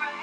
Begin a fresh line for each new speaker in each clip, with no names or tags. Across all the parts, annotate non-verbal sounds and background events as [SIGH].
Who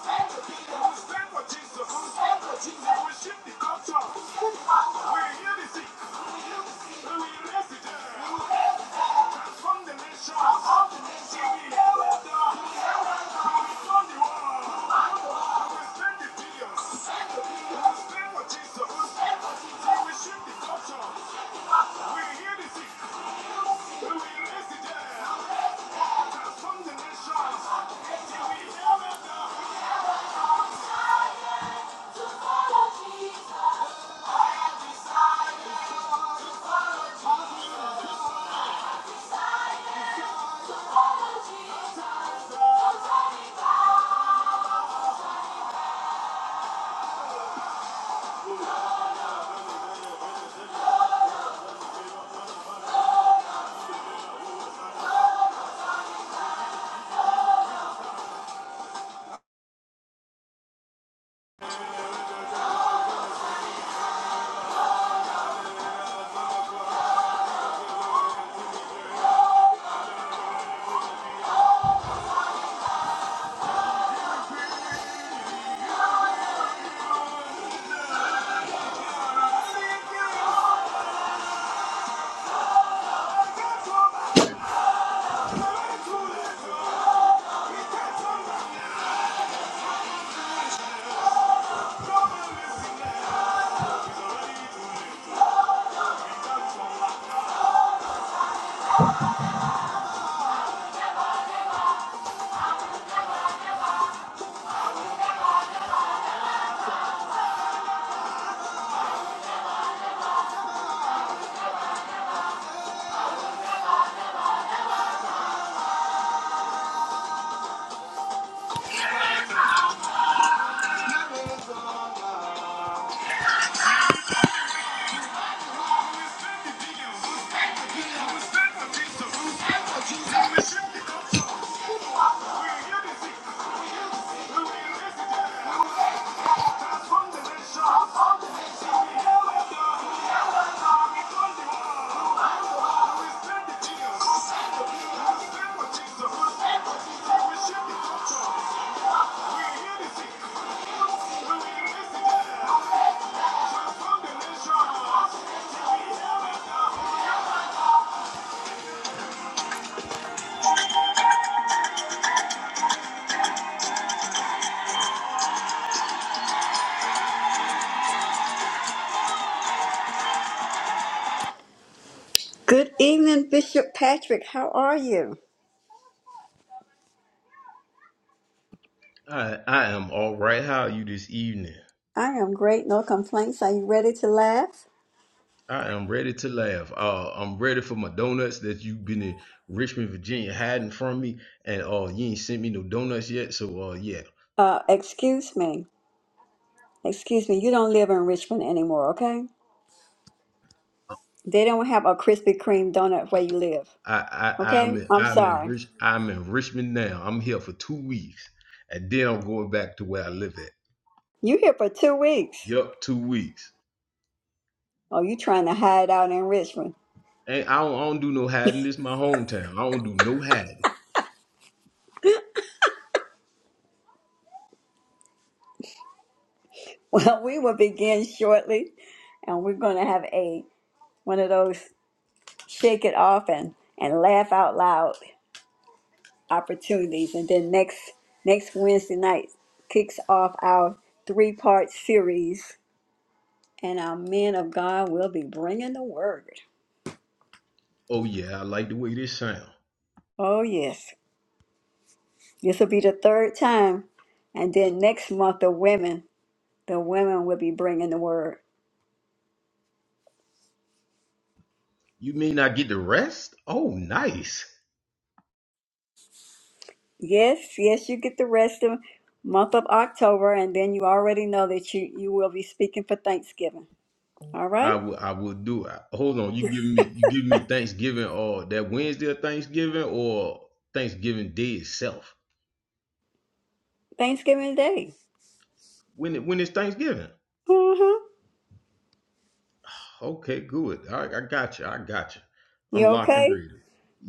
stand for Jesus? Who's stand for Jesus? Who will shift the culture? We hear the sick, we will raise the dead. Good evening, Bishop Patrick. How are you?
I I am all right. How are you this evening?
I am great, no complaints. Are you ready to laugh?
I am ready to laugh. Uh, I'm ready for my donuts that you've been in Richmond, Virginia, hiding from me, and uh, you ain't sent me no donuts yet. So uh, yeah,
Uh, excuse me. Excuse me. You don't live in Richmond anymore, okay? They don't have a Krispy Kreme donut where you live,
I I I'm
okay?
in,
I'm
I'm in
sorry.
Rich I'm in Richmond now. I'm here for two weeks, and then I'm going back to where I live at.
You here for two weeks.
Yup, two weeks.
Oh, you trying to hide out in Richmond? [LAUGHS]
And I don't, I don't do no hiding. This my hometown. I don't do no hiding.
Well, we will begin shortly, and we're going to have a one of those shake it off and and laugh out loud opportunities. And then next next Wednesday night kicks off our three part series, and our men of God will be bringing the word.
Oh yeah, I like the way this sound.
Oh yes, this will be the third time, and then next month the women the women will be bringing the word.
You mean I get the rest? Oh, nice.
Yes, yes, you get the rest of month of October, and then you already know that you you will be speaking for Thanksgiving. All right,
I will I will do it. Hold on, you giving me you giving me Thanksgiving or that Wednesday of Thanksgiving or Thanksgiving Day itself?
Thanksgiving Day.
When it, when it's Thanksgiving?
Uh-huh.
Okay, good. I, I got you. I got you.
You
I'm locked and
okay?
ready.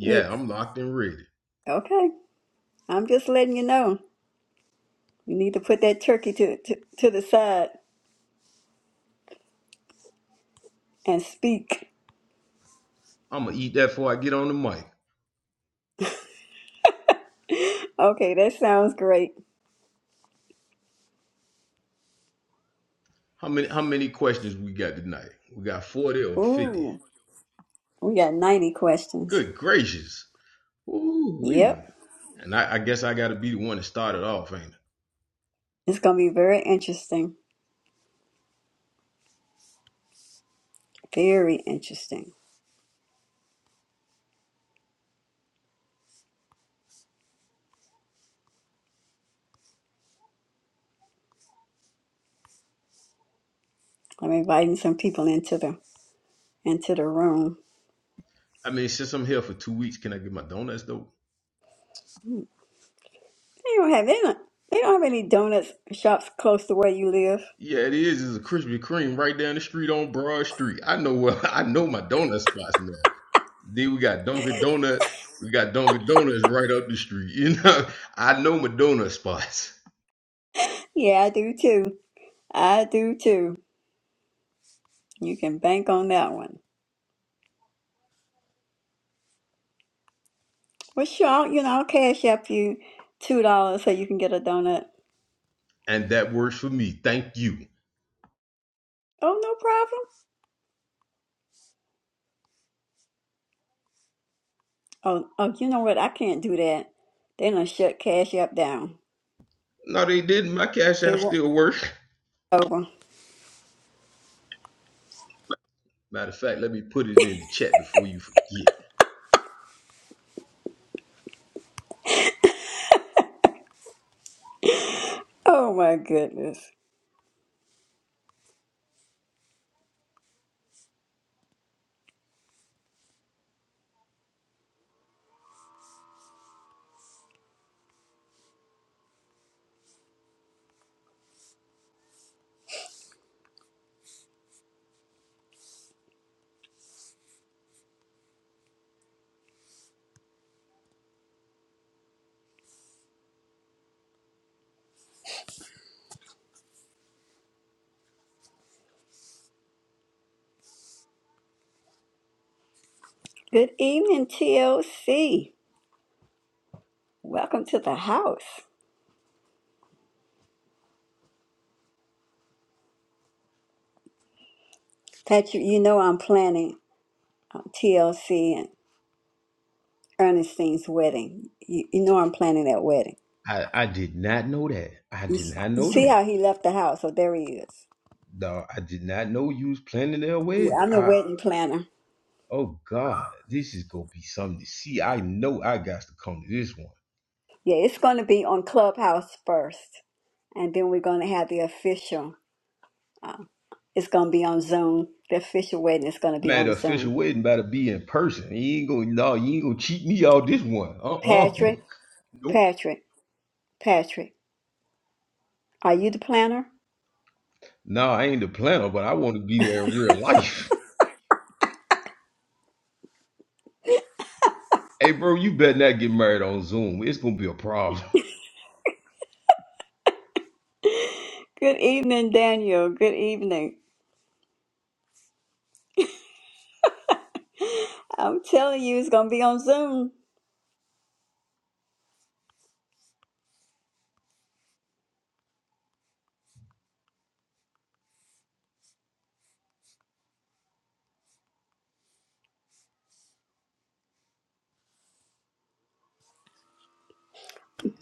You
I'm locked and ready.
okay? I'm just letting you know. You need to put that turkey to to, to the side and speak. [LAUGHS]
I'm gonna eat that before I get on the mic.
Okay, that sounds great.
How many how many questions we got tonight? We got forty or fifty.
Ooh, we got 90 questions.
Good gracious. Ooh wee.
Yep,
And I, I guess I gotta be the one that started off, ain't it?
it's gonna be very interesting. Very interesting. I'm inviting some people into the into the room.
I mean, since I'm here for two weeks, can I get my donuts though?
They don't have any. They don't have any donut shops close to where you live.
Yeah, it is. It's a Krispy Kreme right down the street on Broad Street. I know where [LAUGHS] I know my donut spots now. Then we got Dunkin' Donuts. We got Dunkin' Donuts right up the street. [LAUGHS] You know, I know my donut spots,
Yeah, I do too. I do too. You can bank on that one. Well, sure. I'll- You know, I'll cash up you two dollars so you can get a donut.
and that works for me. Thank you.
Oh, no problem. Oh, oh, you know what? I can't do that. They done shut cash up down.
No, they didn't. My Cash App
It won't
still works.
over.
Matter of fact, let me put it in the chat before you forget.
Oh my goodness. Good evening, TLC. Welcome to the house. Patrick, you know I'm planning on TLC Ernestine's wedding. You, you know I'm planning that wedding.
I I did not know that. I did not
You
know
see
that.
how he left the house? So there he is.
No, I did not know you was planning their
Yeah,
wedding.
I'm the
I
wedding planner.
oh God, this is gonna be something to see. I know I got to come to this one.
Yeah, it's going to be on Clubhouse first, and then we're going to have the official. It's going to be on Zoom. The official wedding is going to be
Man,
on
the
Zoom.
official wedding better be in person. You ain't gonna no, you ain't gonna cheat me out this one. Uh-uh.
Patrick,
Nope.
Patrick, Patrick, are you the planner?
No, I ain't the planner, but I want to be there in real life. [LAUGHS] Hey, bro, you better not get married on Zoom. It's gonna be a problem.
Good evening, Daniel. Good evening. I'm telling you, it's going to be on Zoom.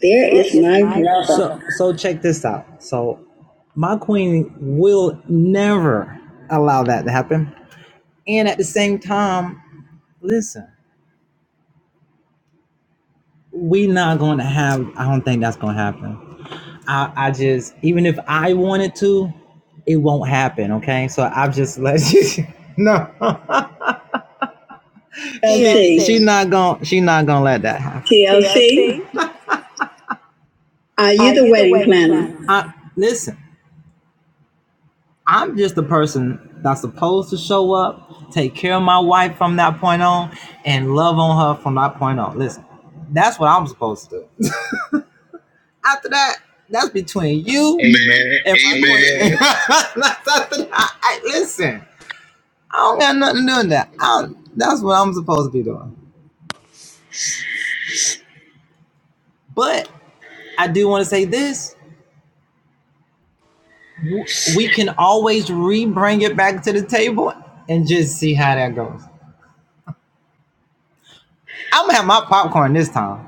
There
There
is
is
my
my
brother. So
brother.
so check this out. So my queen will never allow that to happen. And at the same time, listen, we not gonna have I don't think that's gonna happen. I, I just even if I wanted to, it won't happen, okay? So I've just let [LAUGHS] you No. She LC, she
TLC,
not gonna she not gonna let that happen.
TLC,
TLC, are you
are
the
you the
wedding
wedding
planner?
planner?
I listen. I'm just the person that's supposed to show up, take care of my wife from that point on, and love on her from that point on. Listen, that's what I'm supposed to do. After that, that's between
[LAUGHS]
you Man,
Amen.
and Amen. my amen. [LAUGHS]
Amen.
that's after that. I, listen, I don't got nothing doing that. I that's what I'm supposed to be doing. But I do want to say this: we can always re-bring it back to the table and just see how that goes. I'm gonna have my popcorn this time.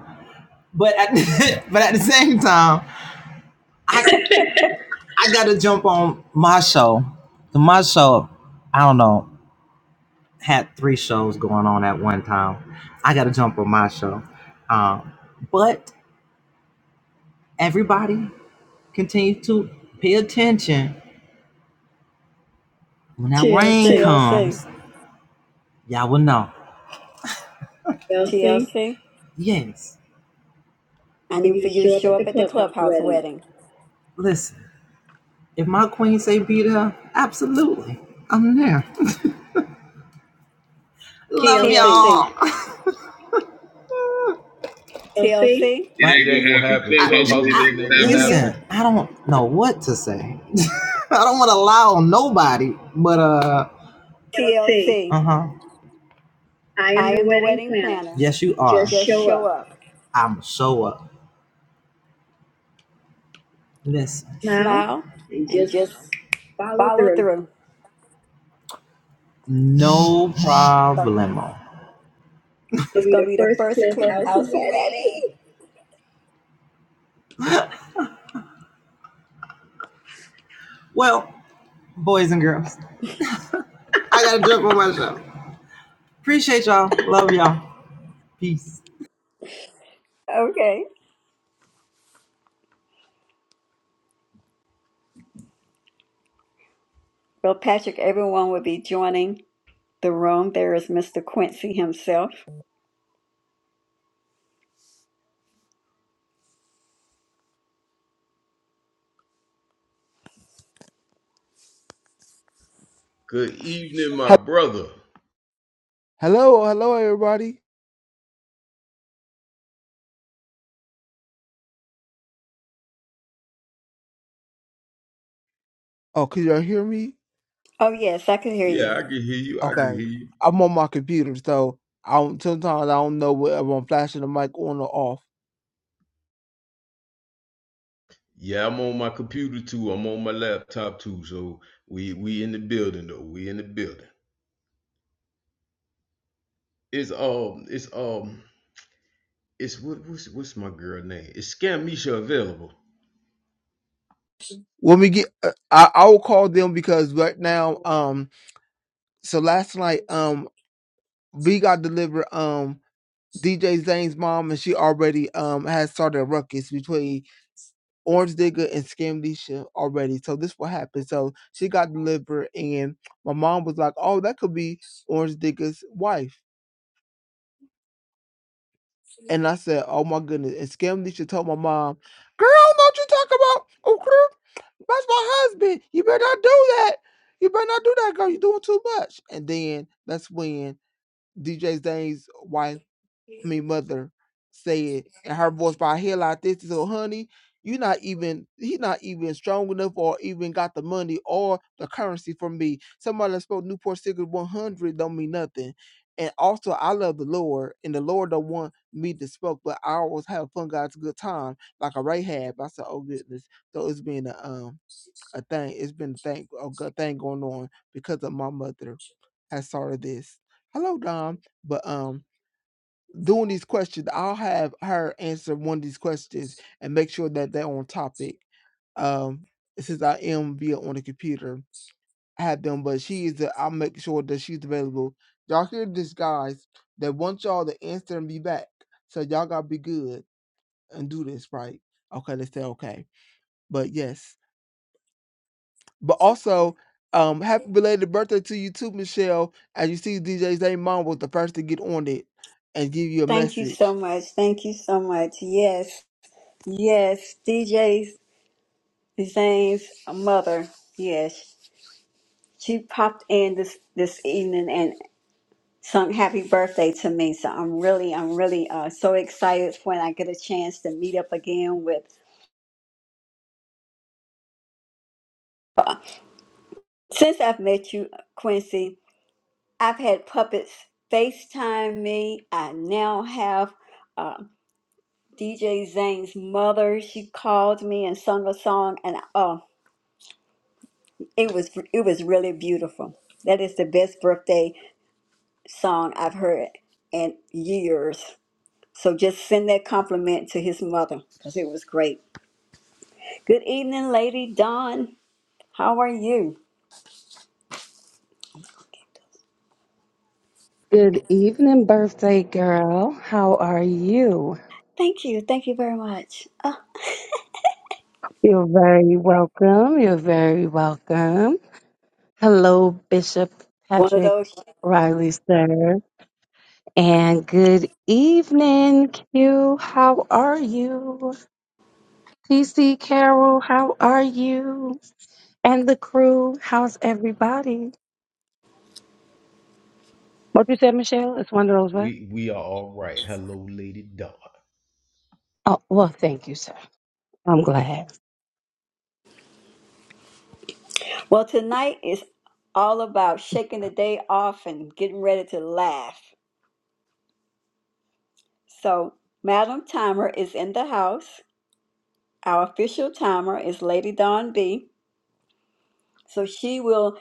But at, [LAUGHS] but at the same time, I [LAUGHS] I gotta jump on my show. The my show, I don't know, had three shows going on at one time. I gotta jump on my show. Um, but everybody continue to pay attention. When that rain
TLC,
comes, y'all will know. Kelsey,
TLC.
Yes.
I
for
need
you
for
to
you to
show up
show
at the
up at the
clubhouse
clubhouse
wedding.
wedding.
Listen, if my queen say be there, absolutely. I'm there. Love
TLC,
y'all. So see,
TLC.
It
It ain't gonna happen.
ain't gonna happen. I, Clubhouse, I, it
Clubhouse
ain't
wedding
gonna happen.
ain't
yeah.
gonna
You,
happen.
listen, I don't know what to say. [LAUGHS] I don't want to lie on nobody, but uh, L C.
TLC.
uh huh. I am
I
the
am the
wedding
wedding
planner.
planner.
Yes, you are. Just
Just
show
show
up,
up,
I'm show up. Listen, smile,
smile,
and
and
just
just
follow
follow
through.
through.
no problemo. It'll
It's
be
gonna
the
be the
first
first
clubhouse
clubhouse
wedding.
wedding.
Well, boys and girls, I gotta jump [LAUGHS] on my show. Appreciate y'all. Love y'all. Peace.
Okay. Well, Patrick, everyone will be joining the room. There is Mr. Quincy himself.
Good evening, my
He-
brother.
Hello, hello, everybody. Oh, can y'all hear me?
Oh yes, I can hear
Yeah,
you.
I can hear you. I can hear
Okay,
you.
I'm on my computer, so I don't, sometimes I don't know whether I'm flashing the mic on or off.
Yeah, I'm on my computer too. I'm on my laptop too. So we we in the building though. We in the building. It's um it's um It's what what's what's my girl name? Is Scamisha available?
When we get, uh, I I will call them because right now, um, so last night, um, we got delivered, um, DJ Zane's mom, and she already, um, has started a ruckus between Orange Digger and Scamdisha already. So this what happened. So she got delivered, and my mom was like, "Oh, that could be Orange Digger's wife." And I said, Oh my goodness. And Scamlisha told my mom, Girl, don't you talk about. Oh, girl, that's my husband. You better not do that. You better not do that, girl. You're doing too much. And then that's when DJ Zane's wife, I mean mother, said, and her voice by here like this. So, honey, you not even he's not even strong enough or even got the money or the currency for me. Somebody that spoke Newport Cigarette 100 don't mean nothing. And also, I love the Lord, and the Lord don't want me to smoke, but I always have fun, guys, a good time, like a Rahab. I said, oh goodness. So it's been a um a thing. It's been a thing, a good thing going on because of my mother has started this. Hello, Dom. But um, doing these questions, I'll have her answer one of these questions and make sure that they're on topic. Um, since I am via on the computer, I have them, but she is. The, I'll make sure that she's available. Y'all hear this, guys? That want y'all to answer and be back. So y'all gotta be good and do this right. Okay, let's say okay. But yes. But also, um, happy belated birthday to you too, Michelle. As you see, DJ Zay Mom was the first to get on it and give you a
Thank you so
message.
much. Thank you so much. Yes, yes, DJs. Zane's mother, yes, she popped in this this evening and sung "Happy Birthday" to me. So I'm really, I'm really uh, so excited when I get a chance to meet up again with. Uh, since I've met you, Quincy, I've had puppets FaceTime me. I now have. Uh, DJ Zane's mother, she called me and sung a song, and oh, it was it was really beautiful. That is the best birthday song I've heard in years. So just send that compliment to his mother because it was great. Good evening, Lady Dawn. How are you?
Good evening, birthday girl. How are you?
Thank you. Thank you very much. Ah,
You're very welcome. You're very welcome. Hello, Bishop
One of
Patrick
those.
Riley, sir. And good evening, Q. How are you? PC Carol, how are you? And the crew, how's everybody? What you said, Michelle? It's one of those, what?
We we are all right. Hello, Lady Dog.
Oh, well, thank you, sir. I'm glad.
Well, tonight is all about shaking the day off and getting ready to laugh. So, Madam Timer is in the house. Our official timer is Lady Dawn B. So she will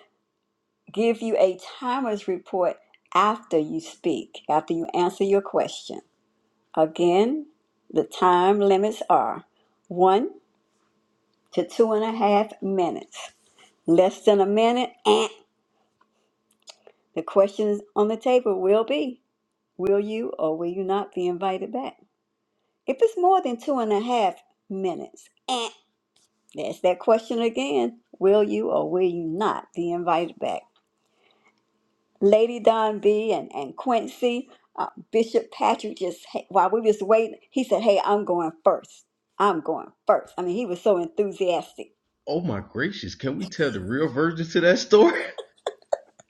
give you a timer's report after you speak, after you answer your question. Again, the time limits are one to two and a half minutes. Less than a minute, and the questions on the table will be Will you or will you not be invited back? If it's more than two and a half minutes, and that's that question again Will you or will you not be invited back? Lady Don B and, and Quincy, uh, Bishop Patrick just, hey, while we was waiting, he said, hey, I'm going first. I'm going first. I mean, he was so enthusiastic.
Oh my gracious! Can we tell the real version to that story? [LAUGHS]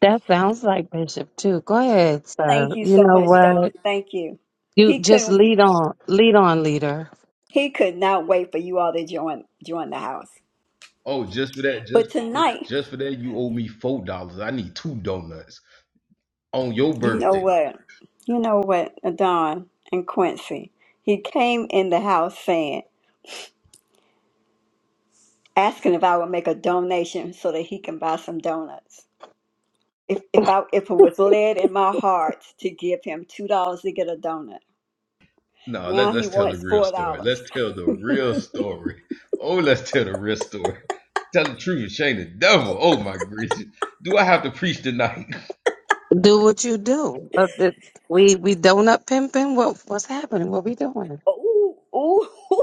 That sounds like Bishop, too. Go ahead,
Thank
sir.
you
You
so
know
much,
what?
Don. Thank you.
You
He
just
couldn't,
lead on, lead on, leader.
he could not wait for you all to join, join the house.
Oh, just for that,
But
just for,
tonight,
just for that, you owe me four dollars. I need two donuts on your
you know
birthday.
what? You know what, Don and Quincy, he came in the house saying, asking if I would make a donation so that he can buy some donuts. if if I if it was led in my heart to give him two dollars to get a donut.
No, let's
Now he
let's tell the
wants
real
four
story.
dollars.
Let's tell the real story. Oh, let's tell the real story. [LAUGHS] Tell the truth, Shane the devil. Oh my gracious! Do I have to preach tonight?
Do what you do. Uh, the- We we donut pimping. What what's happening? What we doing?
Ooh, ooh. [LAUGHS]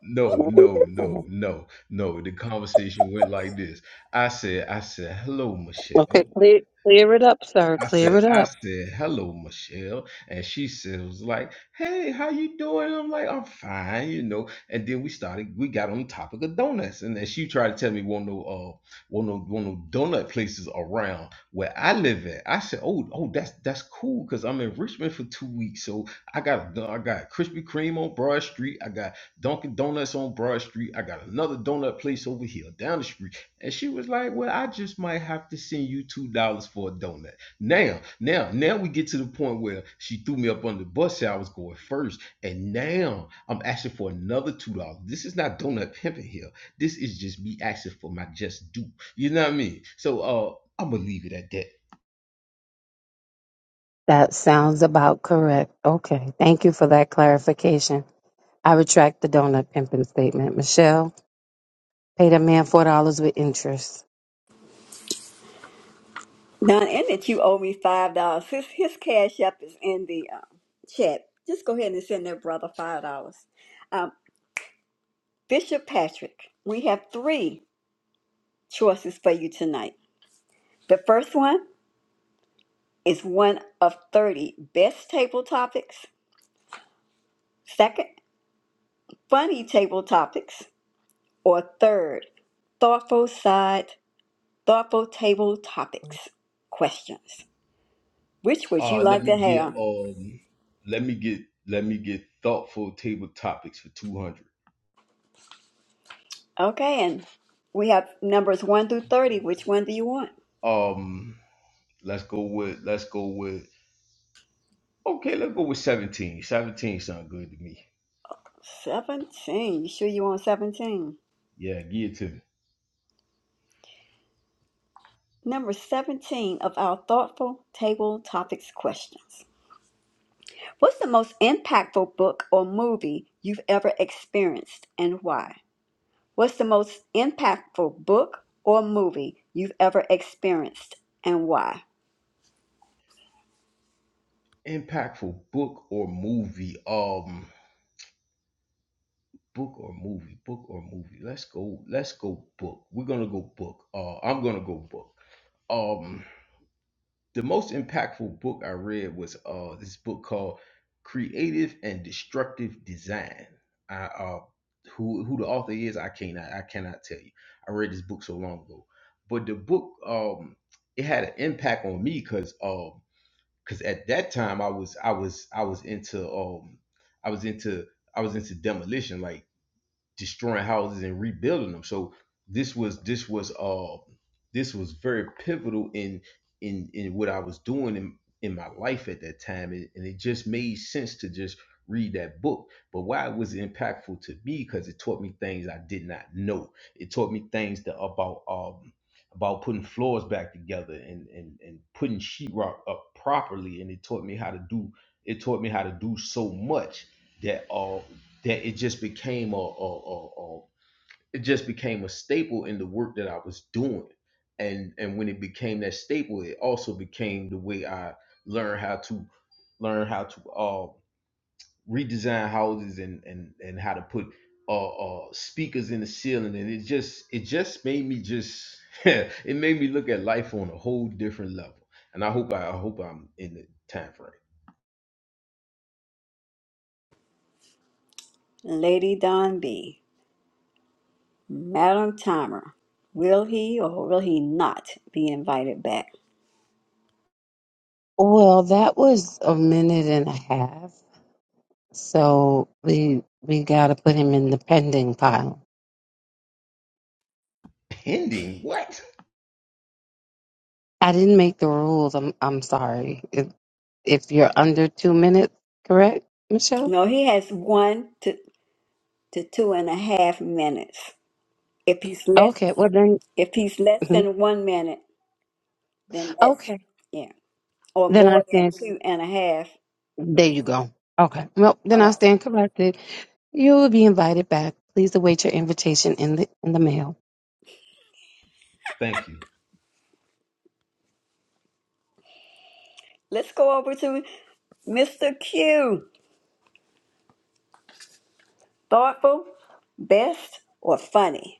No,
What we
no, no,
doing?
no, no. The conversation went like this. I said, I said, hello, Michelle.
Okay, clear clear it up, sir.
I
Clear
said,
it
I
up.
said, hello, Michelle. And she said, was like, hey, how you doing? I'm like, I'm fine, you know. And then we started, we got on the topic of donuts. And then she tried to tell me one no uh one no one no donut places around where I live at. I said, Oh, oh, that's that's cool because I'm in Richmond for two weeks. So I got a, I got Krispy Kreme on Broad Street, I got Dunkin' Donuts on Broad Street, I got another donut place over here down the street. And she was like, Well, I just might have to send you two dollars for a donut. Now, now, now we get to the point where she threw me up under the bus, said I was going first, and now I'm asking for another two dollars. This is not donut pimping here. This is just me asking for my just due. You know what I mean? So, uh, I'm gonna leave it at that.
That sounds about correct. Okay, thank you for that clarification. I retract the donut pimping statement. Michelle, pay that man four dollars with interest.
Now, and that you owe me five dollars. His his cash app is in the um, chat. Just go ahead and send that brother five dollars. Um, Bishop Patrick, we have three choices for you tonight. The first one is one of thirty best table topics. Second, funny table topics, or third, thoughtful side thoughtful table topics questions. Which would you
Uh, let
like
me
to
get
have?
um, let me get let me get thoughtful table topics for two hundred.
Okay, and we have numbers 1 through 30. Which one do you want?
Um, let's go with let's go with okay, let's go with seventeen. Seventeen sound good to me.
17. You sure you want 17?
Yeah, give it to me.
Number 17 of our thoughtful table topics questions. What's the most impactful book or movie you've ever experienced and why? What's the most impactful book or movie you've ever experienced and why?
impactful book or movie um book or movie book or movie let's go let's go book we're gonna go book uh i'm gonna go book um the most impactful book i read was uh this book called creative and destructive design i uh who who the author is i cannot i cannot tell you i read this book so long ago but the book um it had an impact on me because um. because at that time I was I was I was into um I was into I was into demolition. Like destroying houses and rebuilding them. So this was this was uh this was very pivotal in in in what I was doing in in my life at that time, and, and it just made sense to just read that book. But why it was impactful to me because it taught me things I did not know. It taught me things that about um about putting floors back together and and and putting sheetrock up properly, and it taught me how to do. It taught me how to do so much that uh that it just became a, a, a, a it just became a staple in the work that I was doing. And and when it became that staple, it also became the way I learned how to learn how to uh, redesign houses and and and how to put uh, uh, speakers in the ceiling. And it just it just made me just [LAUGHS] it made me look at life on a whole different level. And I hope I, I hope I'm in the time frame.
Lady Don B. Madam Timer, will he or will he not be invited back?
Well, that was a minute and a half, so we we got to put him in the pending pile.
Pending what?
I didn't make the rules. I'm I'm sorry. If, if you're under two minutes, correct, Michelle?
No, he has one to, to two and a half minutes. If he's less,
Okay. Well then,
if he's less
mhm.
than one minute, then that's
okay.
yeah, or
Then I
more than
stand.
two and a half.
There you go. Okay. Well, then
All
I
right,
stand corrected. You will be invited back. Please await your invitation in the in the mail.
Thank you.
let's go over to Mr. Q. Thoughtful, best, or funny?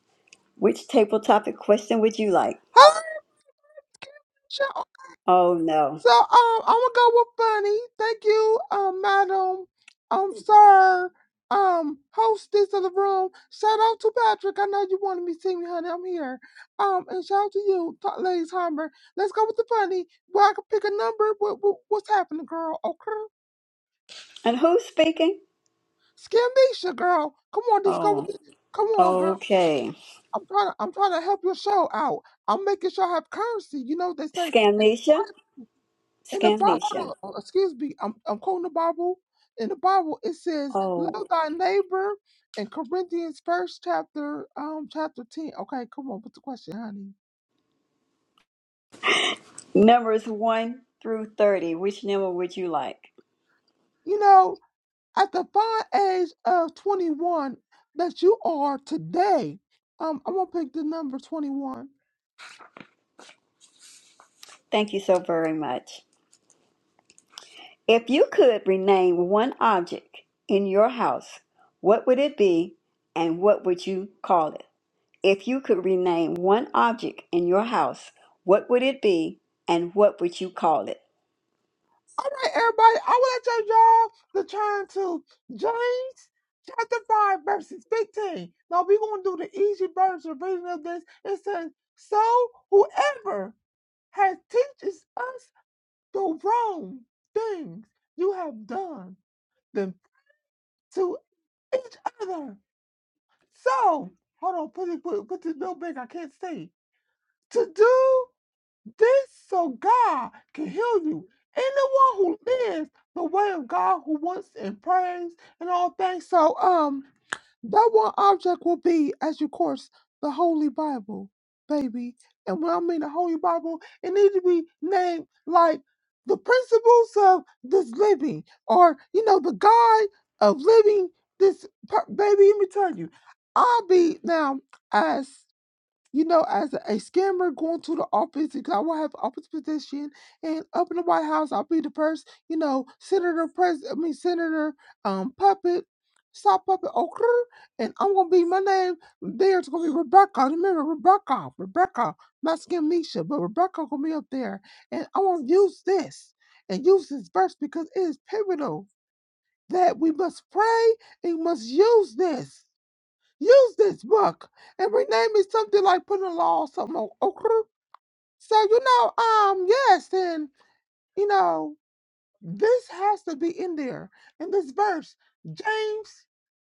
Which table topic question would you like?
So, uh,
Oh no,
so um, I'm gonna go with Bunny. Thank you, um, madam, um, sir, um, hostess of the room. Shout out to Patrick. I know you wanted me to see me, honey. I'm here. Um, and shout out to you, T- ladies Humber. Let's go with the bunny. Well, I can pick a number. What, what what's happening, girl? Okay,
and who's speaking?
Skimmisha, girl. Come on, let's go
Oh,
with it. Come on, girl.
okay,
I'm trying to I'm trying to help your show out. I'm making sure I have currency. You know they say in
Scamnesia.
in the Bible.
Scamnesia.
uh, excuse me. I'm I'm quoting the Bible. In the Bible it says,
Oh,
"Love thy neighbor." In Corinthians first chapter um chapter ten. Okay, come on. What's the question, honey?
numbers 1 through 30. Which number would you like?
You know at the fine age of 21 that you are today. Um, I'm gonna pick the number 21.
Thank you so very much. If you could rename one object in your house, what would it be and what would you call it? If you could rename one object in your house, what would it be and what would you call it?
All right, everybody, I would like y'all to turn to James chapter 5, verses 15. Now, we're going to do the easy version reading of this. It says, So whoever has teaches us the wrong things you have done them to each other. So, hold on, put it, put, put this real big, I can't see. To do This so God can heal you. Anyone who lives the way of God, who wants and prays and all things. So, um, that one object will be, as you course, the Holy Bible, baby. And when I mean the Holy Bible, it needs to be named like the principles of this living, or you know, the guide of living. This per- baby, let me tell you, I'll be now. as you know, as a scammer going to the office because I will have office position and up in the White House, I'll be the first, you know, Senator Pres I mean Senator um Puppet, soft Puppet Okra, and I'm gonna be my name. There's gonna be Rebecca. Remember Rebecca, Rebecca, not scam Misha, but Rebecca gonna be up there. And I wanna use this and use this verse because it is pivotal that we must pray and must use this. Use this book and rename it something like put a law or something. o- Okay. So, you know, um, yes, and you know, this has to be in there in this verse. James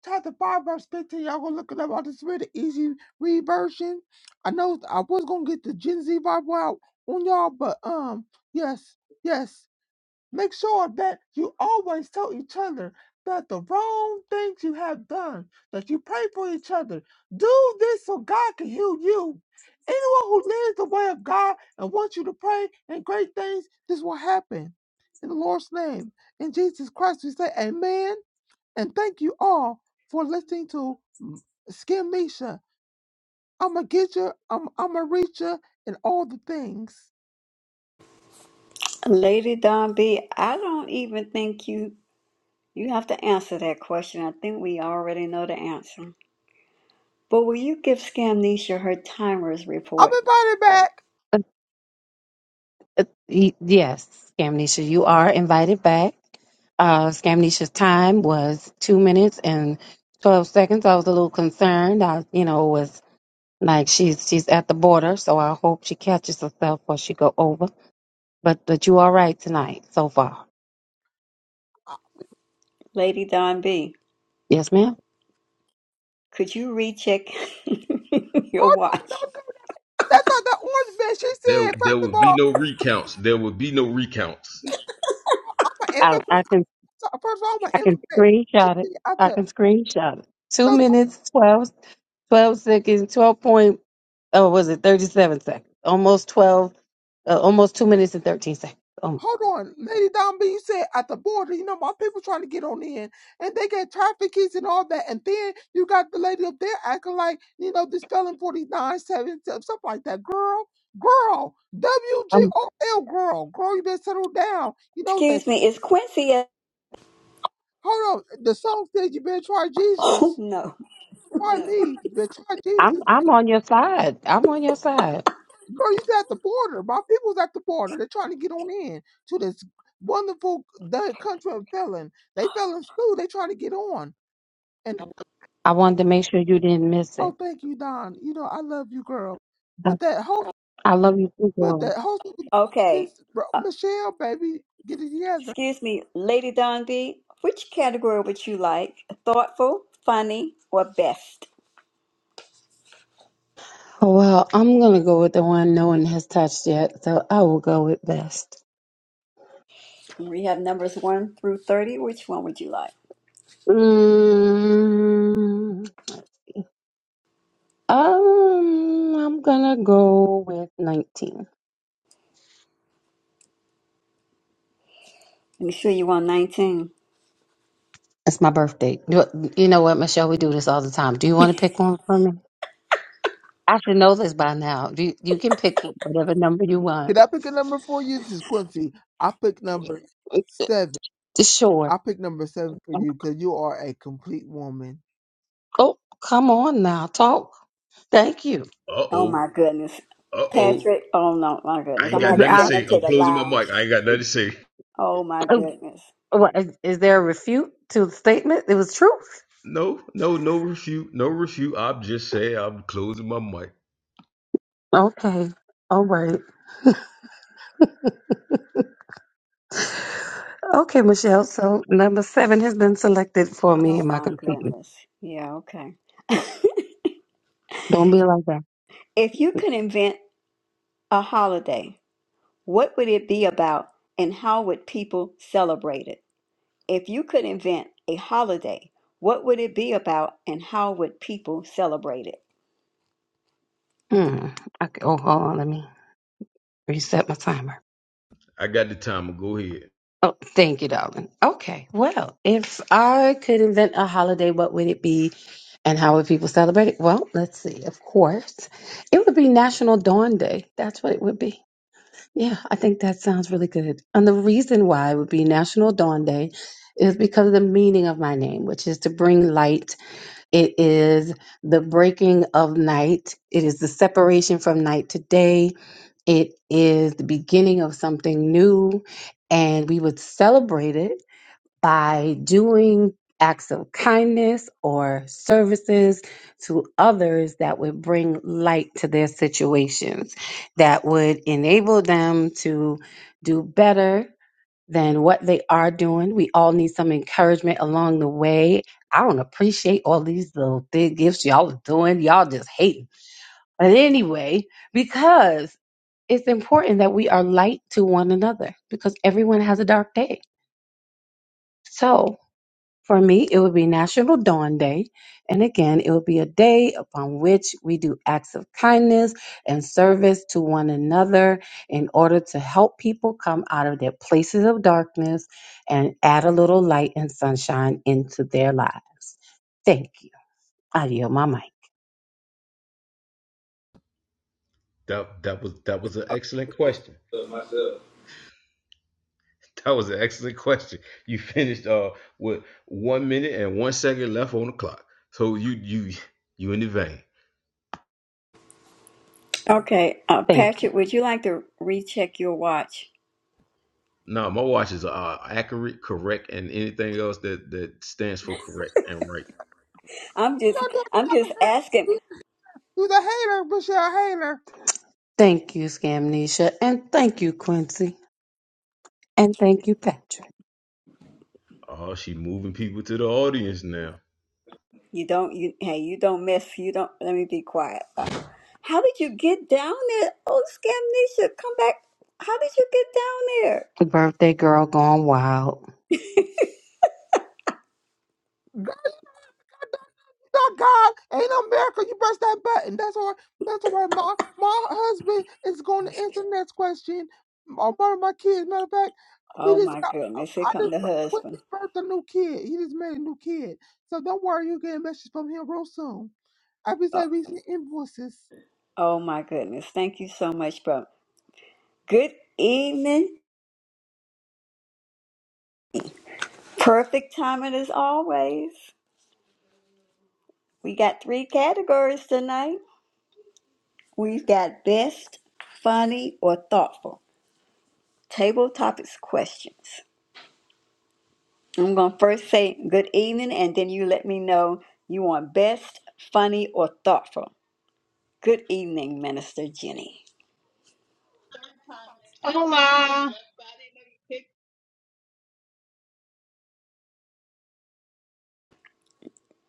chapter 5, verse 15. Y'all gonna look it up. I just read the easy read version. I know I was gonna get the Gen Z Bible out on y'all, but um, yes, yes. Make sure that you always tell each other that the wrong things you have done, that you pray for each other. Do this so God can heal you. Anyone who lives the way of God and wants you to pray and great things, this will happen. In the Lord's name, in Jesus Christ, we say amen. And thank you all for listening to Skin Misha. I'm going to get you, I'm, I'm going to reach you, and all the things.
Lady Don B, I don't even think you you have to answer that question. I think we already know the answer. But will you give Scamnesia her timers
I'm
report?
invited back.
Uh, uh, y- yes, Scamnesha, you are invited back. Uh, Scamnesha's time was two minutes and twelve seconds. I was a little concerned. I, you know, was Like she's she's at the border, so I hope she catches herself or she go over. But but you all right tonight so far?
Uh,
Lady Don B,
Yes, ma'am.
could you recheck [LAUGHS] your
Hold on, no,
watch?
That's not the orange man. She
There,
said, first
there
of
would be
all,
no recounts. There would be no recounts.
I'm an
I
immigrant.
I can
So- First of all, I'm an
I can
immigrant. She
screenshot it.
said, at
I
the,
can screenshot it. Two
so,
minutes, twelve twelve seconds, twelve point. Oh, was it thirty seven seconds? Almost twelve. Uh, almost two minutes and thirteen seconds. Um,
hold on, Lady Don B, you said at the border, you know, my people trying to get on in and they get traffic keys and all that. And then you got the lady up there acting like, you know, this felon 49, 7, something like that. Girl, girl,
I'm
WGOL, girl, girl, you better settle down. You know, they,
Excuse me, is Quincy at...
hold on, the song says you better try
[LAUGHS] Oh,
Jesus.
no.
Try Yeah. me, you better try
I'm
Jesus.
I'm on your side. I'm on your side.
Girl, you at the border. My people's at the border. They're trying to get on in to this wonderful the country of felon. They fell in school. They trying to get on. And
I wanted to make sure you didn't miss it.
oh, thank you, Don. You know I love you, girl.
I,
But that whole,
I love you too,
but
girl.
that whole this
Okay. Uh,
Michelle, baby, get it together.
excuse me, Lady Don B, which category would you like? Thoughtful, funny, or best?
Well, I'm gonna go with the one no one has touched yet, so I will go with best.
We have numbers 1 through 30. Which one would you like?
Mm, um, I'm gonna go with 19.
I'm sure you want 19.
It's my birthday. You, you know what, Michelle? We do this all the time. Do you want to pick one for me? I should know this by now. You you can pick whatever number you want.
Did I pick a number for you? This is Quincy. I picked number seven.
Just sure.
I picked number seven for you because you are a complete woman.
Oh, come on now, talk. Thank you.
Uh
Oh, my
oh.
goodness.
Uh oh.
Patrick, oh, no, my
I
goodness.
ain't
I'm going
got
to have to
nothing to
I,
send them
say.
to
I'm
the
closing my
lounge.
mic. I ain't got nothing to say.
Oh, my
oh,
goodness.
what, is, is there a refute to the statement? It was truth.
No, no, no refute. No refute. I'm just saying I'm closing my mic.
Okay. All right. Okay, Michelle. So number seven has been selected for me
Oh
in my
my
computer.
goodness. Yeah, okay.
Don't be like that.
If you could invent a holiday, what would it be about and how would people celebrate it? If you could invent a holiday, what would it be about and how would people celebrate it?
Hmm. Okay. Oh, hold on. Let me reset my timer.
I got the timer. Go ahead.
Oh, thank you, darling. Okay. Well, if I could invent a holiday, what would it be? And how would people celebrate it? Well, let's see. Of course, it would be National Dawn Day. That's what it would be. Yeah, I think that sounds really good. And the reason why it would be National Dawn Day is because of the meaning of my name, which is to bring light. It is the breaking of night. It is the separation from night to day. It is the beginning of something new. And we would celebrate it by doing acts of kindness or services to others that would bring light to their situations, that would enable them to do better than what they are doing. We all need some encouragement along the way. I don't appreciate all these little big gifts y'all are doing. Y'all just hating. But anyway, because it's important that we are light to one another because everyone has a dark day. So. For me, it would be National Dawn Day. And again, it would be a day upon which we do acts of kindness and service to one another in order to help people come out of their places of darkness and add a little light and sunshine into their lives. Thank you. I yield my mic.
That that was that was an excellent question. That was an excellent question. You finished uh with one minute and one second left on the clock. So you you you in the vein.
Okay, uh,
Thank you.
Patrick, would you like to recheck your watch?
No, my watches are accurate, correct, and anything else that that stands for correct and right.
I'm
You
just,
don't do it,
I'm
to
just asking.
the girl. You're the hater, Michelle Hater.
Thank you, Scamnesia. And thank you, Quincy. And thank you, Patrick.
Oh, she moving people to the audience now.
You don't, you hey, you don't miss. You don't. Let me be quiet. Uh, how did you get down there? Oh, Scamnesha, come back. How did you get down there?
The birthday girl gone wild.
not God. Ain't no miracle. You press that button. That's why. That's why my my husband is going to answer the next question. Or one of my kids. Matter of fact, we
Oh
just
my
got.
goodness, here
I
come
just
the
bir- we
husband.
just birthed a new kid. He just made a new kid. So don't worry, you'll get a message from him real soon. I be
Oh,
saying we see invoices
oh my goodness, thank you so much, bro. Good evening. Perfect timing as always. We got three categories tonight. We've got best, funny, or thoughtful. Table topics questions. I'm gonna first say good evening, and then you let me know you want best, funny, or thoughtful. Good evening, Minister Jenny.
Hola.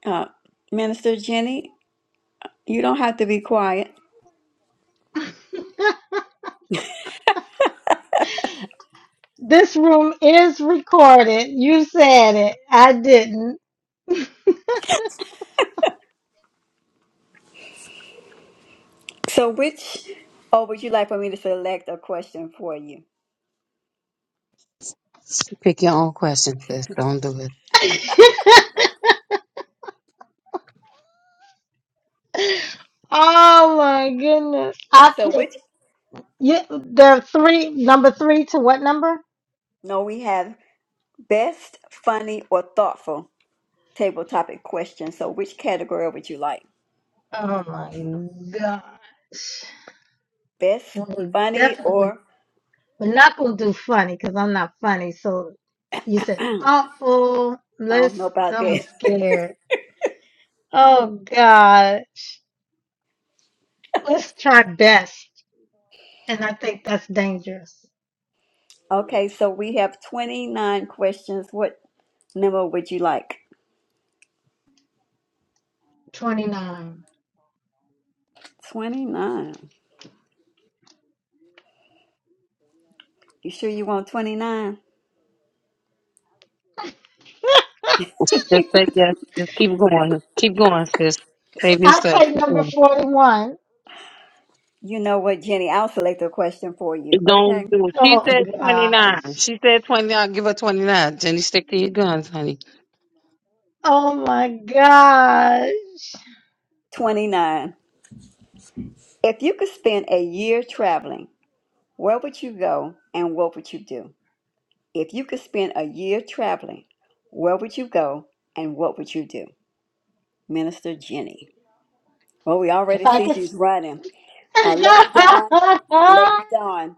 Uh, Minister Jenny, you don't have to be quiet.
This room is recorded. You said it. I didn't.
So which, or would you like for me to select a question for you?
Pick your own questions, sis. Don't do it.
[LAUGHS] oh my goodness. I
So which,
picked you the three number three to what number?
no, we have best, funny, or thoughtful table topic question. So which category would you like?
Oh my gosh.
Best,
Well we
funny,
definitely
or,
we're not gonna do funny because I'm not funny. So you
[CLEARS THROAT]
said
I
thoughtful.
don't
Let's
know about
I'm
that. [LAUGHS]
scared. Oh God. Let's try best. and I think that's dangerous.
Okay, so we have 29 questions. What number would you like?
29.
29. You sure you want 29?
Just say yes. Just keep going. Keep going, sis. Save
I'll
yourself.
play
Keep
number
going.
41.
You know what, Jenny, I'll select a question for you,
Don't
okay?
do it. She
Oh,
said 29.
gosh.
She said 29. Give her 29. Jenny, stick to your guns, honey.
Oh, my gosh.
29. If you could spend a year traveling, Where would you go and what would you do? If you could spend a year traveling, where would you go and what would you do? Minister Jenny. Well, we already
If I
see
could. [LAUGHS]
she's running. Uh, Lady Dawn, Lady Dawn,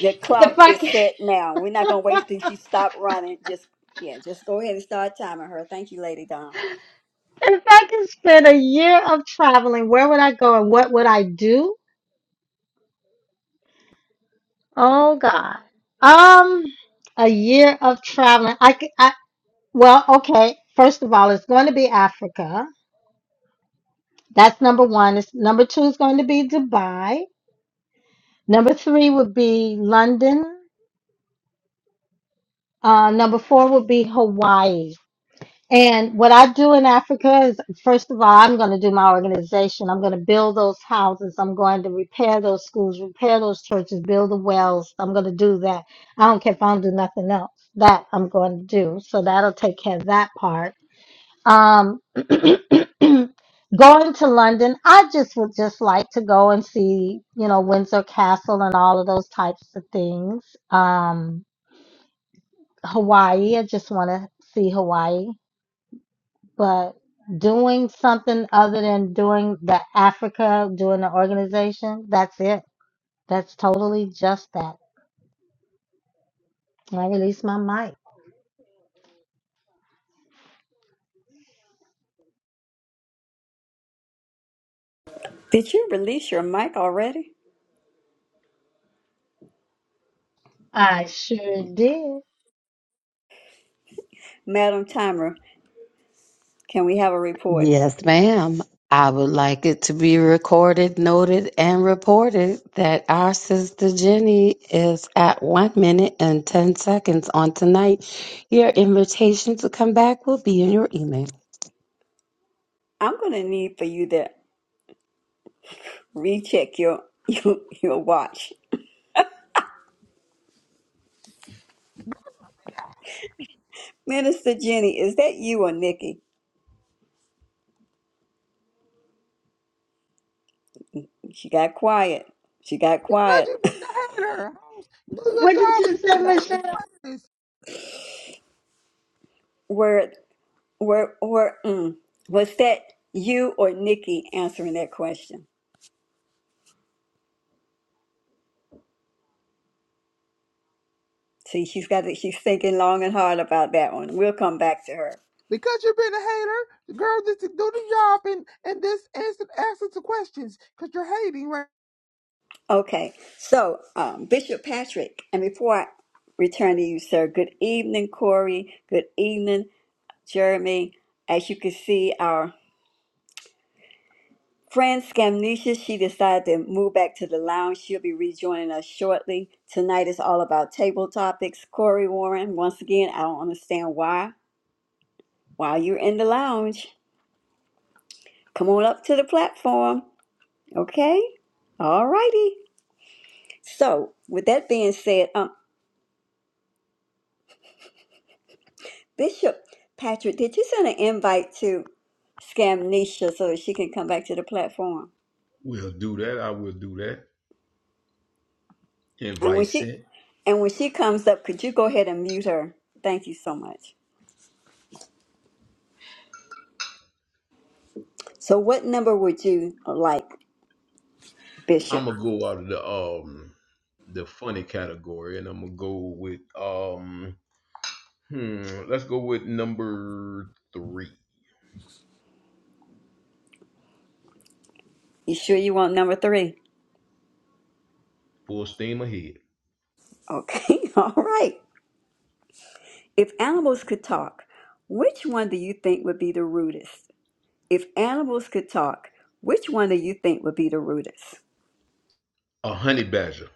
the
if
clock
I
is set now. We're not going to
could.
wait
[LAUGHS]
till she stops running. Just, yeah, just go ahead and start timing her. Thank you, Lady Dawn.
If I could spend a year of traveling, where would I go and what would I do? Oh God. Um, a year of traveling. I could, I well, okay. First of all, it's going to be Africa. That's number one. It's, number two is going to be Dubai. Number three would be London. Uh, number four would be Hawaii. And what I do in Africa is, first of all, I'm going to do my organization. I'm going to build those houses. I'm going to repair those schools, repair those churches, build the wells. I'm going to do that. I don't care if I don't do nothing else. That I'm going to do. So that'll take care of that part. Um, [CLEARS THROAT] going to London, I just would just like to go and see, you know, Windsor Castle and all of those types of things. Um, Hawaii, I just want to see Hawaii, but doing something other than doing the Africa, doing the organization, that's it. That's totally just that. I released my mic.
Did you release your mic already?
I sure did.
Madam Timer, can we have a report?
Yes, ma'am. I would like it to be recorded, noted, and reported that our sister Jenny is at one minute and 10 seconds on tonight. Your invitation to come back will be in your email.
I'm going to need for you to recheck your, [LAUGHS] your, your watch Minister Jenny, is that you or Nikki? She got quiet. She got
because
quiet.
you've been a hater. hoes. Do your
What did
job.
you
and
say,
just answer
Michelle?
this.
[LAUGHS] Were were were mm, was that you or Nikki answering that question? See, she's got to, she's thinking long and hard about that one. We'll come back to her.
Because you've been a hater, girl, just do the job and and this answer answer the questions. Cause you're hating right.
Okay, so um, Bishop Patrick, and before I return to you, sir, good evening, Corey. Good evening, Jeremy. As you can see, our Fran Scamnesia, she decided to move back to the lounge. She'll be rejoining us shortly. Tonight is all about table topics. Corey Warren, once again, I don't understand why. While you're in the lounge, come on up to the platform. Okay? All righty. So, with that being said, um, Bishop Patrick, did you send an invite to Scamnesia so that she can come back to the platform?
We'll do that. I will do that.
And when
Invite
she
sent.
and when she comes up, could you go ahead and mute her? Thank you so much. So, what number would you like, Bishop?
I'm gonna go out of the um the funny category, and I'm gonna go with um hmm. Let's go with number three.
You sure you want number three?
Full steam ahead.
Okay, [LAUGHS] all right. If animals could talk, which one do you think would be the rudest? If animals could talk, which one do you think would be the rudest?
A honey badger.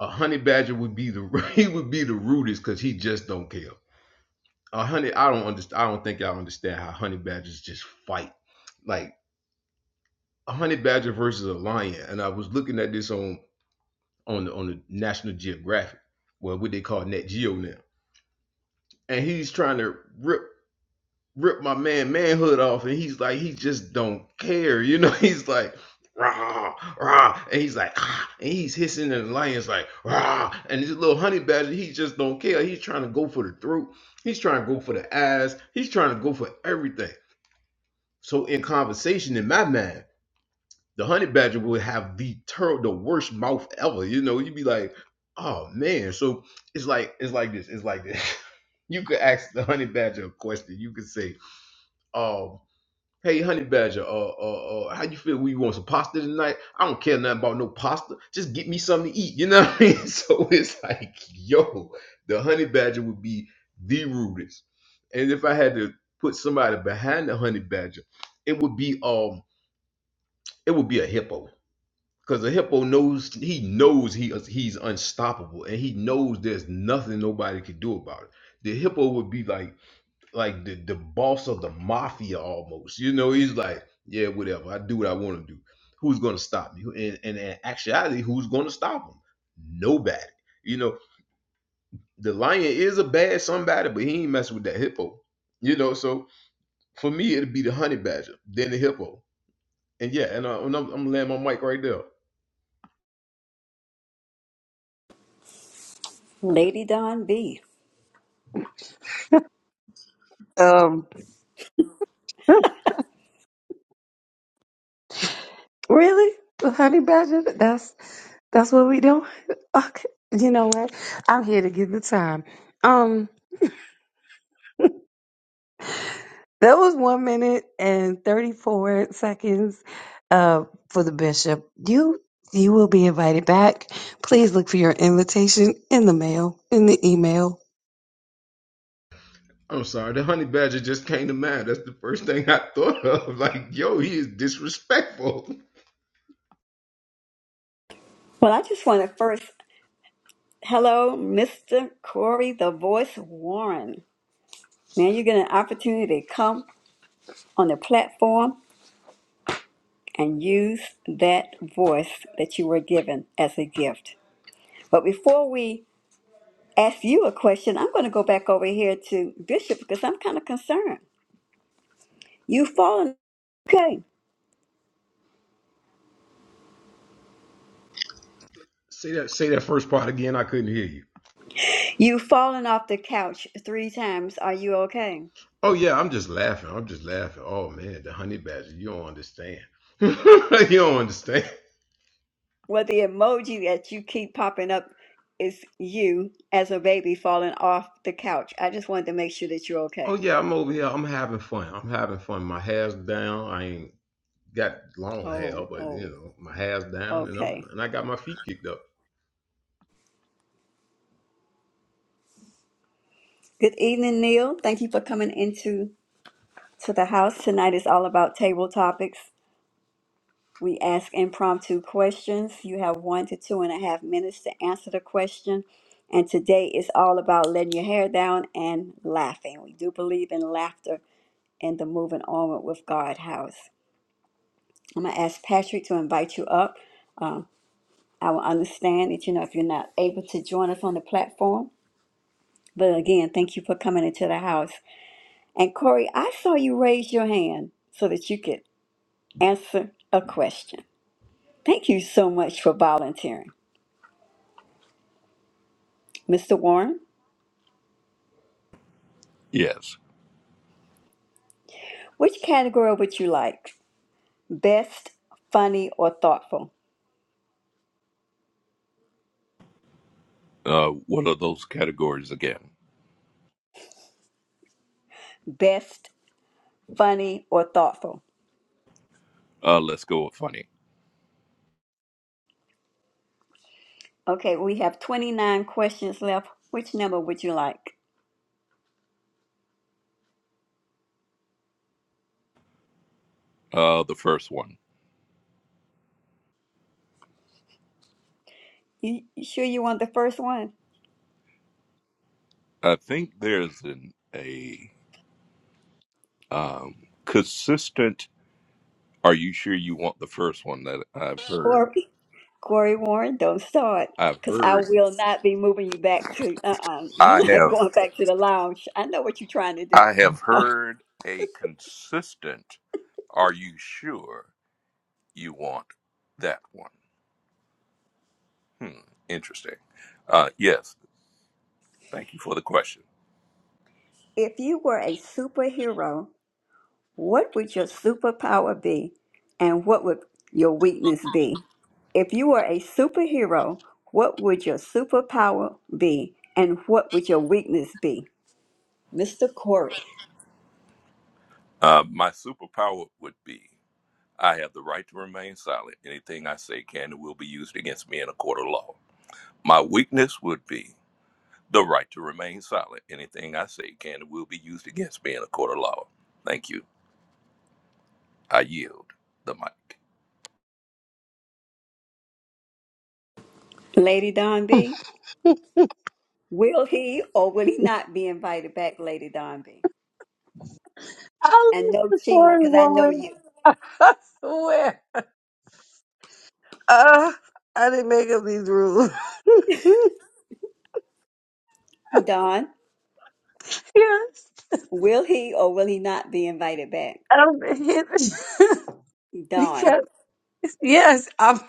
A honey badger would be the [LAUGHS] he would be the rudest because he just don't care. A honey, I don't understand. I don't think y'all understand how honey badgers just fight. Like a honey badger versus a lion, and I was looking at this on on the on the National Geographic, well, what they call Nat Geo now, and he's trying to rip rip my man manhood off, and he's like, he just don't care, you know. [LAUGHS] He's like, rah rah, and he's like, ah, and he's hissing, and the lion's like, rah, and this little honey badger, he just don't care. He's trying to go for the throat, he's trying to go for the eyes, he's trying to go for everything. So in conversation, in my mind. the honey badger would have the ter- the worst mouth ever. You know, you'd be like, oh man. So it's like it's like this. It's like this. [LAUGHS] You could ask the honey badger a question. You could say, um, hey honey badger, uh, uh, uh, how you feel? We want some pasta tonight? I don't care nothing about no pasta. Just get me something to eat. You know what I mean? [LAUGHS] So it's like, yo, the honey badger would be the rudest. And if I had to put somebody behind the honey badger, it would be um, it would be a hippo because the hippo knows he knows he he's unstoppable, and he knows there's nothing nobody can do about it. The hippo would be like like the, the boss of the mafia almost. You know, he's like, yeah, whatever. I do what I want to do. Who's gonna stop me? And, and and actuality, who's gonna stop him? Nobody. You know, the lion is a bad somebody, but he ain't messing with that hippo. You know, so for me, it'd be the honey badger, then the hippo, and yeah, and, I, and I'm, I'm laying my mic right there.
Lady Don B.
Um, [LAUGHS] Really? Honey Badger? That's That's what we do. [LAUGHS] Okay. You know what? I'm here to give the time. Um, that was one minute and thirty-four seconds uh for the bishop. You you will be invited back. Please look for your invitation in the mail, in the email.
I'm sorry, the honey badger just came to mind. That's the first thing I thought of. [LAUGHS] Like, yo, he is disrespectful.
Well, I just want to first, hello, Mr. Corey, the voice Warren. Now you get an opportunity to come on the platform and use that voice that you were given as a gift. But before we ask you a question. I'm going to go back over here to Bishop because I'm kind of concerned. You've fallen, okay.
Say that say that first part again, I couldn't hear you.
You've fallen off the couch three times. Are you okay?
Oh yeah, I'm just laughing. I'm just laughing. Oh man, the honey badger, you don't understand. [LAUGHS] you don't understand.
Well, the emoji that you keep popping up is you as a baby falling off the couch. I just wanted to make sure that you're
Oh
okay.
yeah, I'm over here. I'm having fun. I'm having fun. My hair's down. I ain't got long hair,
Oh,
but you
oh,
know, my hair's down and I'm
okay.
and I got my feet kicked up.
Good evening, Neil. Thank you for coming into to the house. Tonight is all about table topics. We ask impromptu questions. You have one to two and a half minutes to answer the question. And today is all about letting your hair down and laughing. We do believe in laughter and the moving onward with God house. I'm going to ask Patrick to invite you up. Um, I will understand that, you know, if you're not able to join us on the platform. But again, thank you for coming into the house. And Corey, I saw you raise your hand so that you could answer a question. Thank you so much for volunteering. Mr. Warren,
Yes.
which category would you like? Best, funny, or thoughtful?
Uh, what are those categories again?
Best, funny, or thoughtful?
Uh, let's go with funny.
Okay, we have 29 questions left. Which number would you like?
Uh, the first one.
You, you sure you want the first one?
I think there's an a um, consistent. Are you sure you want the first one that I've heard?
Corey? Corey Warren, don't start.
I've
Because I
heard.
will not be moving you back to, uh-uh, you're
I
not [LAUGHS]
have.
going back to the lounge. I know what you're trying to do.
I have
No.
heard a consistent. Are you sure you want that one? Hmm. Interesting. Uh, yes. Thank you for the question.
If you were a superhero, What would your superpower be and what would your weakness be? If you were a superhero, what would your superpower be and what would your weakness be? Mr. Corey.
Uh, my superpower would be. I have the right to remain silent. Anything I say can and will be used against me in a court of law. My weakness would be the right to remain silent. Anything I say can and will be used against me in a court of law. Thank you. I yield the mic.
Lady Donby,
[LAUGHS] I'm
will he or will he not be invited back, Lady Donby, And no cheating,
sorry,
because I know
Lauren.
you.
[LAUGHS] I swear. Uh, I didn't make up these rules. [LAUGHS]
Don,
yes.
will he or will he not be invited back?
Um, [LAUGHS]
Don,
because, yes, I'm.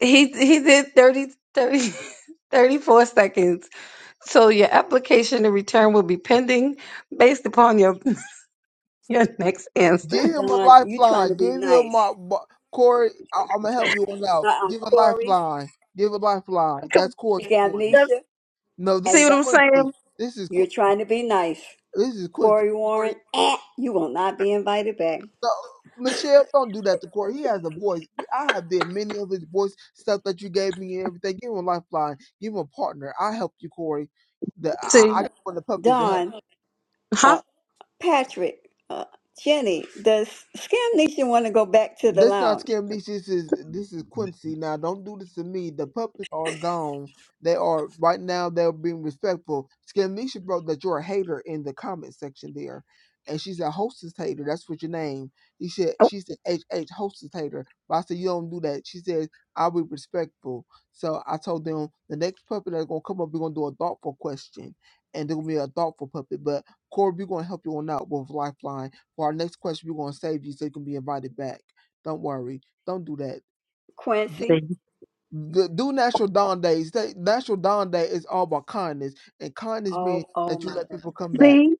He he did 30 30 [LAUGHS] 34 seconds. So your application and return will be pending based upon your [LAUGHS] your next answer.
Give him a
Don, you trying to
lifeline.
be
Give him
nice.
my bu- Corey. I, I'm gonna help you on out.
Uh-uh,
Give a
Corey,
lifeline. Give a lifeline. That's Corey's voice.
Scamnesha,
No, this is
See
and
what I'm
Don.
saying?
Quincy. This is
You're
Quin-
trying to be nice.
this is Quincy.
Corey
Corey.
Warren, eh, you will not be invited back.
No, Michelle, don't do that to Corey. He has a voice. I have did many of his voice stuff that you gave me and everything. Give him a lifeline. Give him a partner. I helped you, Corey. The I, I
See,
just want the puppies to help.
Don,
huh?
uh, Patrick, uh, Jenny, does Scam Nation want to go back to the
This not
lounge?
scam. This is is- this is Quincy. Now, don't do this to me. The puppets are gone. They are right now. They're being respectful. Scamnesha wrote that you're a hater in the comment section there, and she said hostess hater. That's what your name. He said
Oh,
she said H H hostess hater. But I said you don't do that. She said I'll be respectful. So I told them the next puppet that's gonna come up, we're gonna do a thoughtful question, and they're gonna be a thoughtful puppet. But Corey, we're gonna help you on out with Lifeline for our next question. We're gonna save you so you can be invited back. Don't worry. Don't do that. N-
Quincy,
see,
The, do National Dawn Days. They, National Dawn Day is all about kindness, and kindness means
oh, oh
that you
my,
let people come back.
see.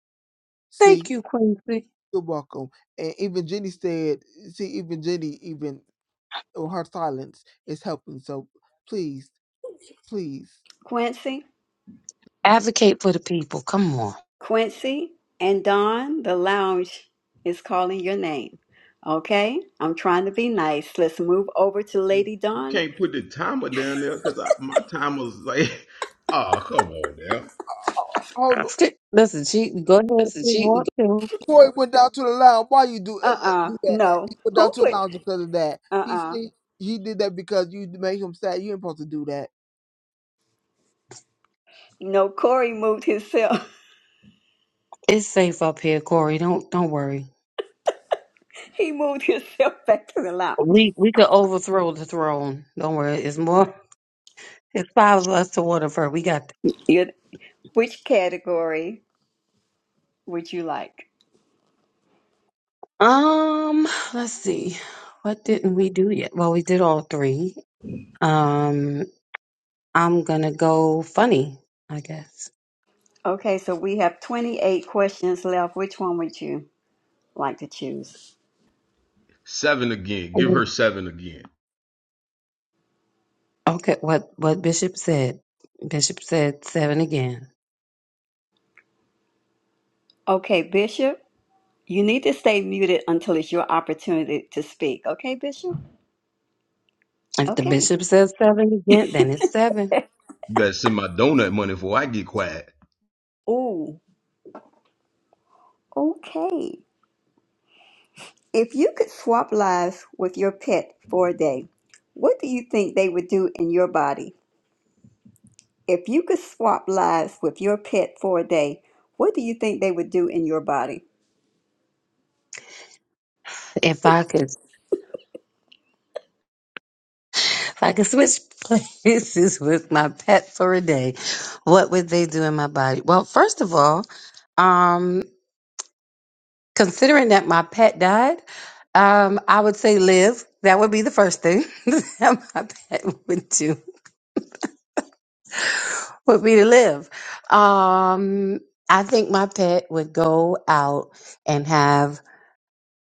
See,
Thank you, Quincy.
you're welcome. And even Jenny said, see, even Jenny, even with her silence is helping. So please, please.
Quincy,
Advocate for the people. Come on.
Quincy, and Don, the lounge is calling your name. Okay, I'm trying to be nice. Let's move over to Lady
You
Don.
can't put the timer down there because my timer's like, [LAUGHS] oh come on now.
uh, Hold on.
Listen, she go ahead if
Listen,
you
she
want to.
Corey went down to the lounge. Why you do, uh,
Uh-uh,
do that?
no.
He went down
Who
to the
put?
lounge because of that. He
Uh-uh,
said he did that because you made him sad. You ain't supposed to do that.
no. Corey moved himself.
It's safe up here, Corey. Don't don't worry.
[LAUGHS] he moved himself back to the lounge.
We we could overthrow the throne. Don't worry. It's more. It's five of us to one of her. We got
You, which category would you like?
Um, let's see. What didn't we do yet? Well, we did all three. Um, I'm gonna go funny, I guess.
Okay, so we have 28 questions left. Which one would you like to choose?
Seven again. Give
Mhm.
her seven again.
Okay, what what Bishop said. Bishop said seven again.
Okay, Bishop, you need to stay muted until it's your opportunity to speak. Okay, Bishop?
If the
Okay.
bishop says seven again, then it's seven.
You better send my donut money before I get quiet.
Ooh, okay. If you could swap lives with your pet for a day, what do you think they would do in your body? If you could swap lives with your pet for a day, what do you think they would do in your body?
If I could if I could switch [LAUGHS] places with my pet for a day, what would they do in my body? Well, first of all, um. Considering that my pet died, um, I would say live. That would be the first thing [LAUGHS] that my pet would do would be to live. Um, I think my pet would go out and have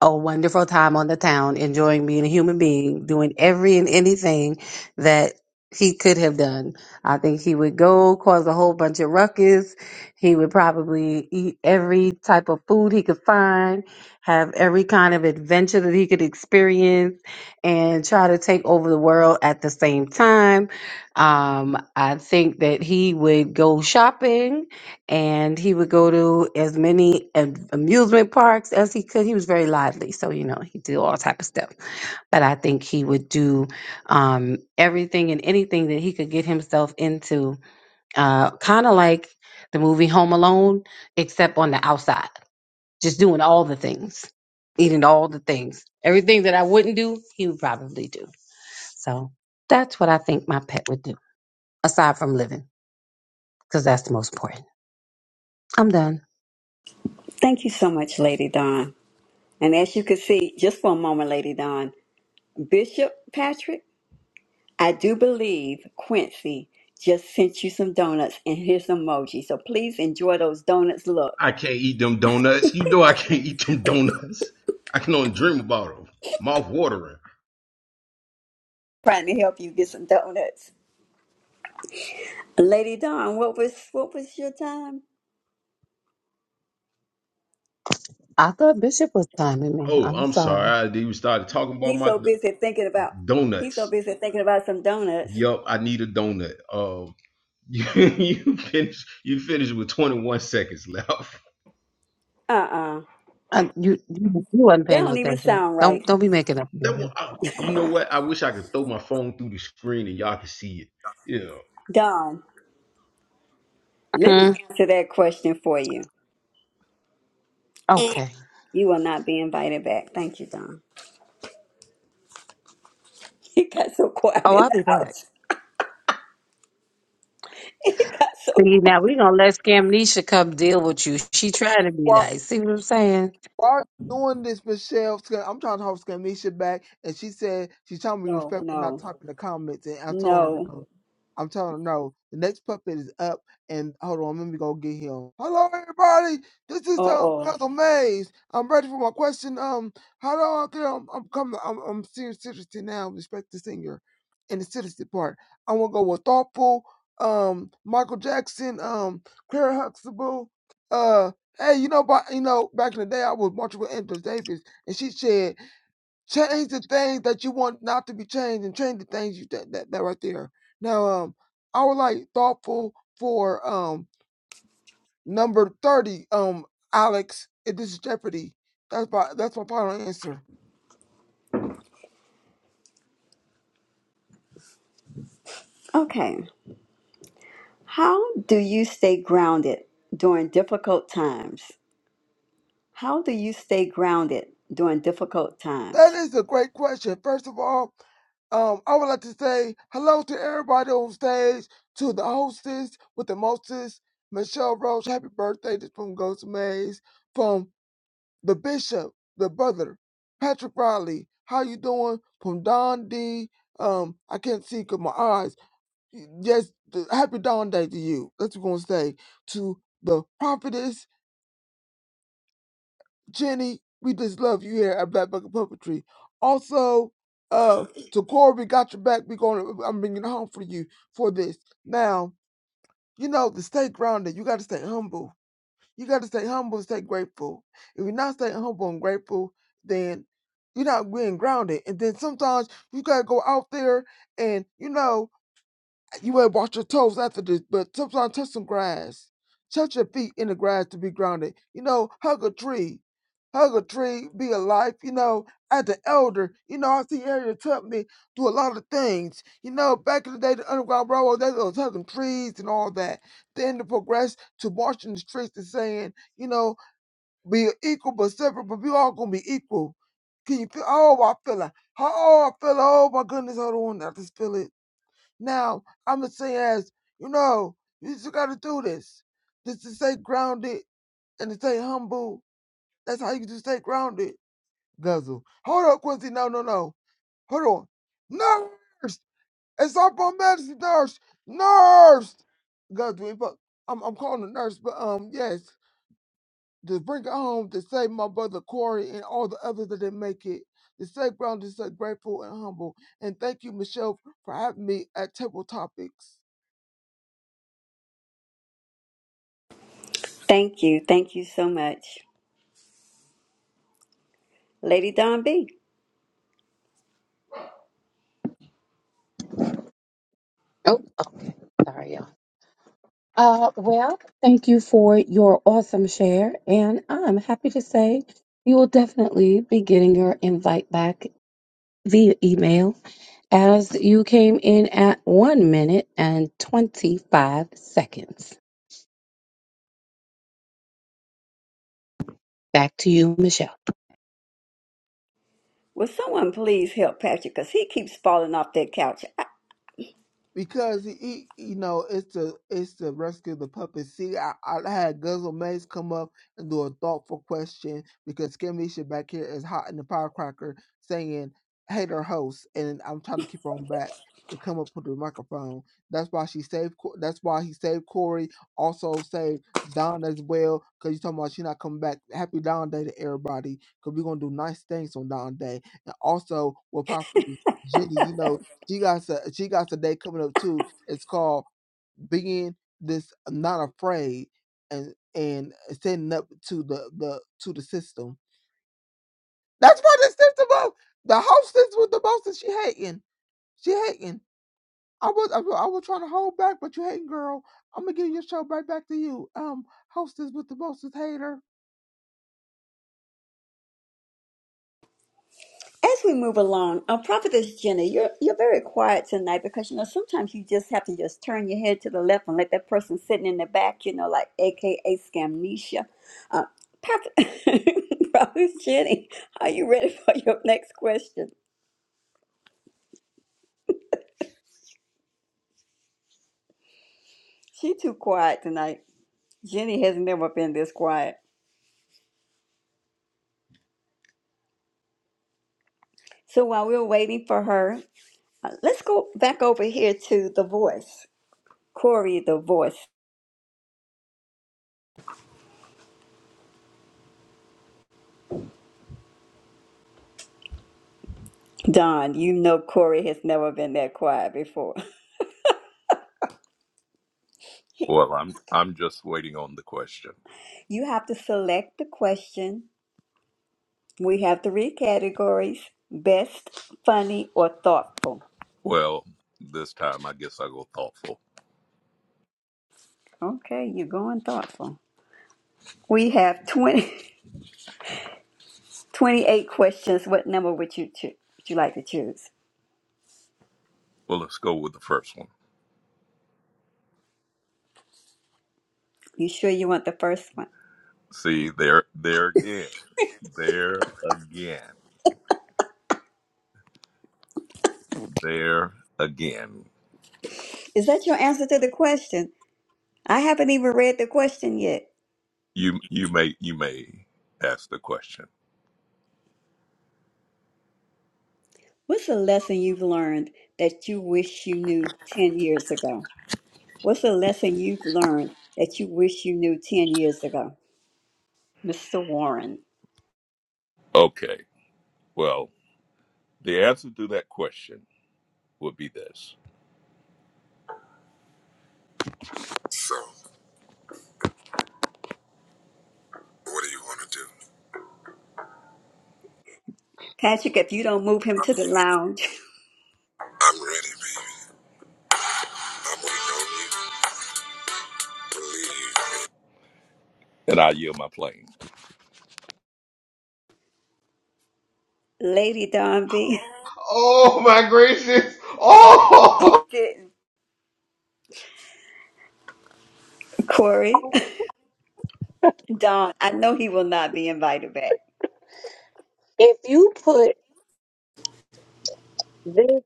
a wonderful time on the town, enjoying being a human being, doing every and anything that he could have done. I think he would go cause a whole bunch of ruckus. He would probably eat every type of food he could find, have every kind of adventure that he could experience, and try to take over the world at the same time. Um, I think that he would go shopping and he would go to as many am- amusement parks as he could. He was very lively, so you know he did all type of stuff. But I think he would do um, everything and anything that he could get himself into, uh, kind of like the movie Home Alone, except on the outside, just doing all the things, eating all the things, everything that I wouldn't do, he would probably do. So that's what I think my pet would do, aside from living, because that's the most important. I'm done.
Thank you so much, Lady Dawn. And as you can see, just for a moment, Lady Don, Bishop Patrick, I do believe Quincy just sent you some donuts and his emoji. So please enjoy those donuts. Look,
I can't eat them donuts. You know I can't eat them donuts. I can only dream about them. Mouth watering.
trying to help you get some donuts. Lady Don, what was what was your time?
I thought Bishop was timing me.
Oh,
I'm
I'm sorry.
sorry.
I didn't even started talking about
He's
my
so busy thinking about he's so
donuts.
busy thinking about some donuts.
Yup, I need a donut. Um, [LAUGHS] uh, you, you finish. You finish with 21 seconds left. [LAUGHS]
Uh-uh.
Uh, you you you wasn't
They
paying no
don't even
attention.
sound right.
Don't don't be making up
That one.
numbers.
I, you know what? I wish I could throw my phone through the screen and y'all could see it. Yeah.
Don, let me
Hmm.
answer that question for you.
Okay.
You will not be invited back. Thank you, Don. He [LAUGHS] got so quiet
Oh,
in
I'll
the
be back.
house. [LAUGHS] It got so
See,
quiet.
now we gonna let Scamnesha come deal with you. She trying to be nice. See what I'm saying?
Why are you doing this, Michelle? Sca- I'm trying to hold Scamnesha back, and she said she's trying to be
Oh,
respectful, not
no.
typing the comments. And I told her
No.
no. I'm telling her no. The next puppet is up, and hold on, let me go get him. Hello, everybody. This is um
Uh-oh.
Puzzle Maze. I'm ready for my question. Um, how do I get? Um, I'm coming. I'm I'm senior citizen now. Respect the singer, and the citizen part. I want to go with thoughtful. Um, Michael Jackson. Um, Claire Huxtable. Uh. Hey, you know, but you know, back in the day, I was marching with Angela Davis, and she said, "Change the things that you want not to be changed, and change the things you that that, that right there." Now, um, I was like thoughtful for um number thirty, um, Alex. If this is Jeopardy, that's my that's my final answer.
Okay. How do you stay grounded during difficult times? How do you stay grounded during difficult
That
times?
is a great question. First of all, um, I would like to say hello to everybody on stage, to the hostess with the mostest, Michelle Roach. Happy birthday! This one goes to Maze. from the bishop, the brother, Patrick Riley. How you doing? From Don D. Um, I can't see see 'cause my eyes. Yes, happy Dawn Day to you. That's what we're gonna say to the prophetess Jenny. We just love you here at Black Bucket Puppetry. Also, uh, to Corey, we got your back. We gonna I'm bringing it home for you for this. Now, you know the stay grounded. You got to stay humble You got to stay humble and stay grateful. If you're not staying humble and grateful, then you're not being grounded. And then sometimes you got to go out there and, you know, you better wash your toes after this, but sometimes touch some grass. Touch your feet in the grass to be grounded. You know, hug a tree. Hug a tree, be a life, you know, as an elder. You know, I see Ariel Tubman do a lot of things. You know, back in the day, the Underground Railroad, they was hugging trees and all that. Then to progress to marching the streets and saying, you know, be equal but separate, but we all gonna be equal. Can you feel? Oh, I feel it. Oh, I feel it. Oh, my goodness, hold on. I just feel it. Now, I'm going to say, as you know, you just got to do this. Just to stay grounded and to stay humble. That's how you just stay grounded, Guzzle. Hold on, Quincy. No, no, no. Hold on. Nurse! It's up on medicine, nurse! Nurse! Guzzle, we I'm, I'm calling the nurse, but um, yes. To bring it home to save my brother Corey and all the others that didn't make it. To stay grounded, to stay grateful and humble. And thank you, Michelle, for having me at Table Topics.
Thank you. Thank you so much. Lady Don B,
Oh, okay. Sorry, y'all. Uh, well, thank you for your awesome share, and I'm happy to say you will definitely be getting your invite back via email. as you came in at one minute and 25 seconds. Back to you, Michelle.
will someone please help Patrick because he keeps falling off that couch.
Because he, he- you know, it's to it's to rescue the puppet. See, I, I had Guzzle Maze come up and do a thoughtful question because Skimmisha back here is hot in the firecracker saying hate her host, and I'm trying to keep her on back to come up with the microphone. That's why she saved. Co- That's why he saved Corey. Also saved Don as well because you talking about she not coming back. Happy Don Day to everybody because we're gonna do nice things on Don Day, and also we'll pop Jenny. You know she got a she got a day coming up too. It's called being this not afraid and and standing up to the the to the system. That's what the system of the hostess with the most that she hating. She hating. I was I was, I was trying to hold back, but you hating girl. I'm gonna give your show right back to you. Um, hostess with the most hater.
As we move along, uh, Prophetess Jenna, you're you're very quiet tonight because you know sometimes you just have to just turn your head to the left and let that person sitting in the back, you know, like AKA scamnesia. Uh, Prophet, [LAUGHS] Prophetess Jenny, are you ready for your next question? She too quiet tonight. Jenny has never been this quiet. So while we're waiting for her, uh, let's go back over here to the voice, Corey, the voice. Don, you know Corey has never been that quiet before.
Well, I'm I'm just waiting on the question.
You have to select the question. We have three categories best, funny, or thoughtful.
Well, this time I guess I go thoughtful.
Okay, you're going thoughtful. We have 20 [LAUGHS] twenty-eight questions. What number would you choose? Would you like to choose?
Well, let's go with the first one.
You sure you want the first one?
See, there there again. There again. There again.
Is that your answer to the question? I haven't even read the question yet.
You you may you may ask the question.
What's a lesson you've learned that you wish you knew 10 years ago? What's a lesson you've learned that you wish you knew 10 years ago? Mr. Warren.
Okay. Well, the answer to that question would be this,
Patrick, if you don't move him to the lounge, [LAUGHS]
and I yield my plane.
Lady Don B.
Oh my gracious! Oh,
[LAUGHS]
[LAUGHS]
did. Corey, [LAUGHS] Don, I know he will not be invited back.
If you put this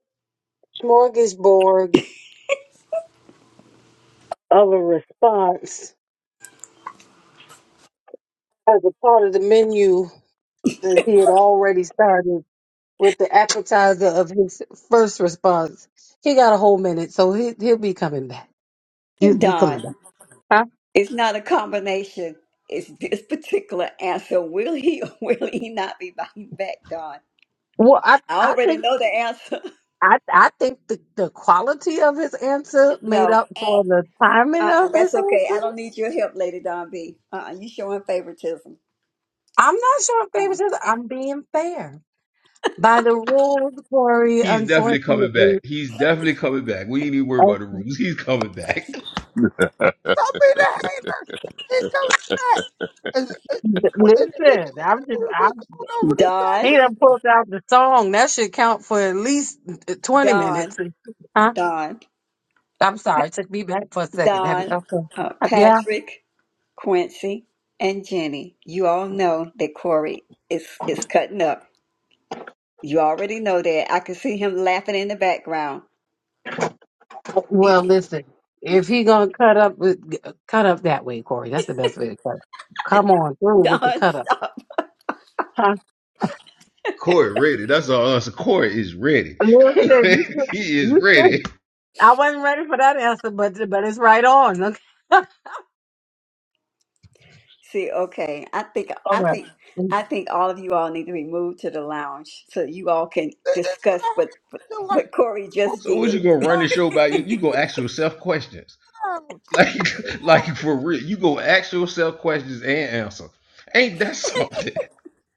smorgasbord of a response as a part of the menu that he had already started with the appetizer of his first response. He got a whole minute, so he he'll be coming back. You you coming
Don,
back? Huh?
it's not a combination. It's this particular answer. Will he or [LAUGHS] will he not be invited back, Don?
Well, I
I
I
already
think
know the answer. [LAUGHS]
I I think the, the quality of his answer made
No,
up for the timing
uh-uh,
of
that's
his
okay. I
answer.
don't need your help, Lady Don B. Uh-uh, you showing favoritism.
I'm not sure if baby
Uh,
says I'm being fair. By the rules, Corey,
He's definitely coming
unfortunately,
back. He's definitely coming back. We ain't even worried
of
about the rumors. He's coming back.
Stop being a hater. He comes back. It's, it, it,
the-
it, it, it,
listen, I'm just
it, it, over this
Don,
He
fashion.
done pulled out the song. That should count for at least 20
Don,
minutes. Huh?
Don,
I'm sorry. Took me back for a second. Have-
Don,
Okay.
uh,
Yeah.
Patrick. Quincy and Jenny, you all know that Corey is is cutting up. You already know that. I can see him laughing in the background. He
Well, listen. If he gonna cut up, with- cut up that way, Corey. That's the best way to cut. Up. Come on
[LAUGHS]
through with the
don't
cut up.
stop.
Huh?
Corey ready. That's all us. Corey is ready.
Listen,
[LAUGHS]
you should,
he is
you should.
ready.
I wasn't ready for that answer, but but it's right on. Okay. [LAUGHS]
See, okay. I think
All
I
right.
think I think all of you all need to be moved to the lounge so you all can
They did what
discuss
I
what what,
had to do.
what Corey
Oh,
just
So what
did.
you gonna run the show by? You, you gonna ask yourself questions. Like
She's
[LAUGHS]
a
like for real. You gonna ask yourself questions and answer. Ain't that something?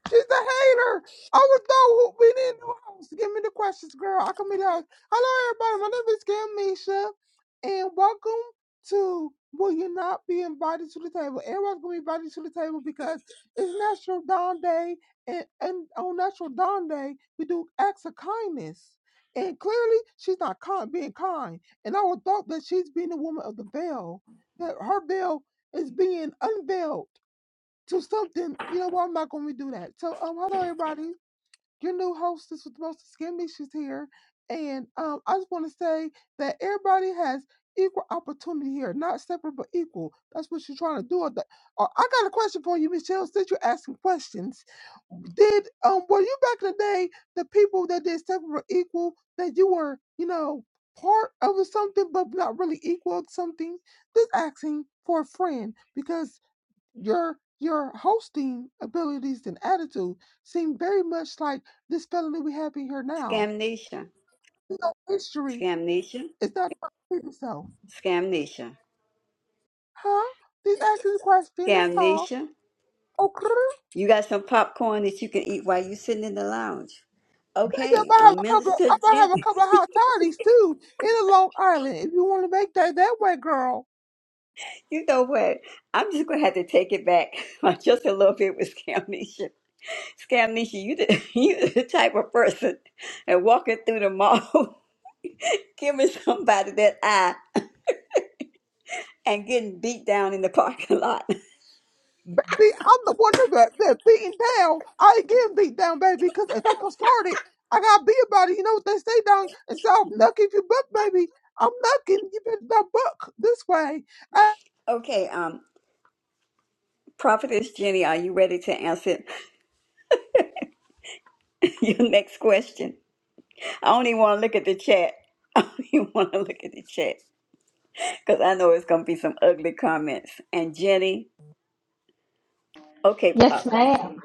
she's a hater. I was go hooping in new house. Give me the questions, girl. I come in the house. hello everybody, my name is Kim Misha and welcome to Will You Not Be Invited to the Table? Everyone's gonna be invited to the table because it's National Dawn Day and, and on National Dawn Day we do acts of kindness. And clearly she's not kind being kind. And I would thought that she's being a woman of the veil, that her veil is being unveiled to something. You know what? I'm not going to do that. So, um, hello everybody. Your new hostess with the most skin issues here, and um, I just want to say that everybody has equal opportunity here, not separate but equal. That's what you're trying to do. Or, the, or I got a question for you, Michelle. Since you're asking questions, did um were you back in the day the people that did separate but equal that you were you know part of something but not really equal to something? Just asking for a friend because your your hosting abilities and attitude seem very much like this fellow that we have in here now.
Scamnesia.
No history
Scamnesia.
is not about yourself,
Scamnesia.
huh? These asking the question, that's all.
Scamnesia.
Okay.
You got some popcorn that you can eat while you're sitting in the lounge.
Maybe I'm
Okay,
gonna have
um,
a couple. of,
Minister
I'm gonna have a couple of hot toddies too in the Long Island. If you want to make that that way, girl.
You know what? I'm just gonna have to take it back [LAUGHS] like, just a little bit with Scamnesia. Scamnesia, you the [LAUGHS] you the type of person and walking through the mall, [LAUGHS] giving somebody that eye and getting beat down in the parking lot. [LAUGHS]
Baby, I'm the one that that beating down. I ain't getting beat down, baby, because if I'm gonna start it, I gotta be about it. You know what they say, down? And so I'm knocking if you buck, baby. I'm knocking. You better not buck this way.
Okay, um, Prophetess Jenny, are you ready to answer [LAUGHS] your next question? I only want to look at the chat. [LAUGHS] I only want to look at the chat because I know it's gonna be some ugly comments. And Jenny, okay, uh,
Yes, ma'am.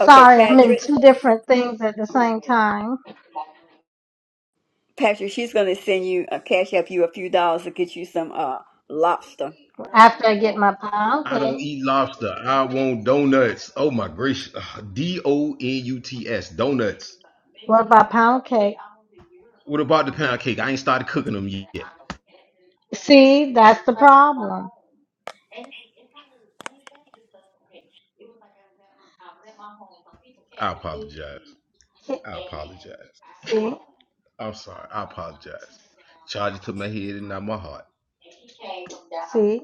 okay,
I'm in
Patrick.
two different things at the same time.
Pastor, she's going to send you a cash up you a few dollars to get you some uh lobster.
After I get my pound
I
cake,
don't eat lobster. I want donuts. Oh my gracious. D O N U T S. Donuts.
what about pound cake?
What about the pound cake? I ain't started cooking them yet.
See, that's the problem.
I apologize. I apologize.
See,
I'm sorry. I apologize. Charge it to my head and not my heart.
see, see,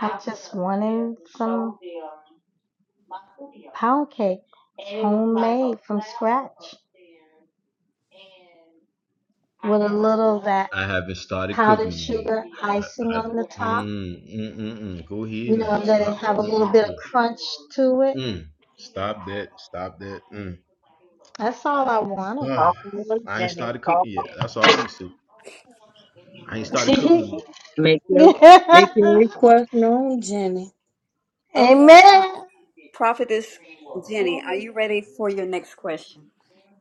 I just wanted some pound cake, homemade from scratch, with a little of that
I haven't started cooking
powdered
them yet.
sugar icing
I, I,
on the top.
mm, mm, mm, mm. Go
you
ahead
know,
now.
and let it
Stop.
have a
Mm,
little
mm,
bit of crunch to it.
mm. Mm. Stop that. Stop that. Mm.
That's all I wanted.
Call
Ugh.
for
I ain't
Jenny.
started
Call
cooking
for-
yet. That's all I'm gonna say. I ain't started cooking them yet.
Make your
[LAUGHS]
make your request known, Jenny.
Okay. uh,
Amen.
Prophetess Jenny, are you ready for your next question?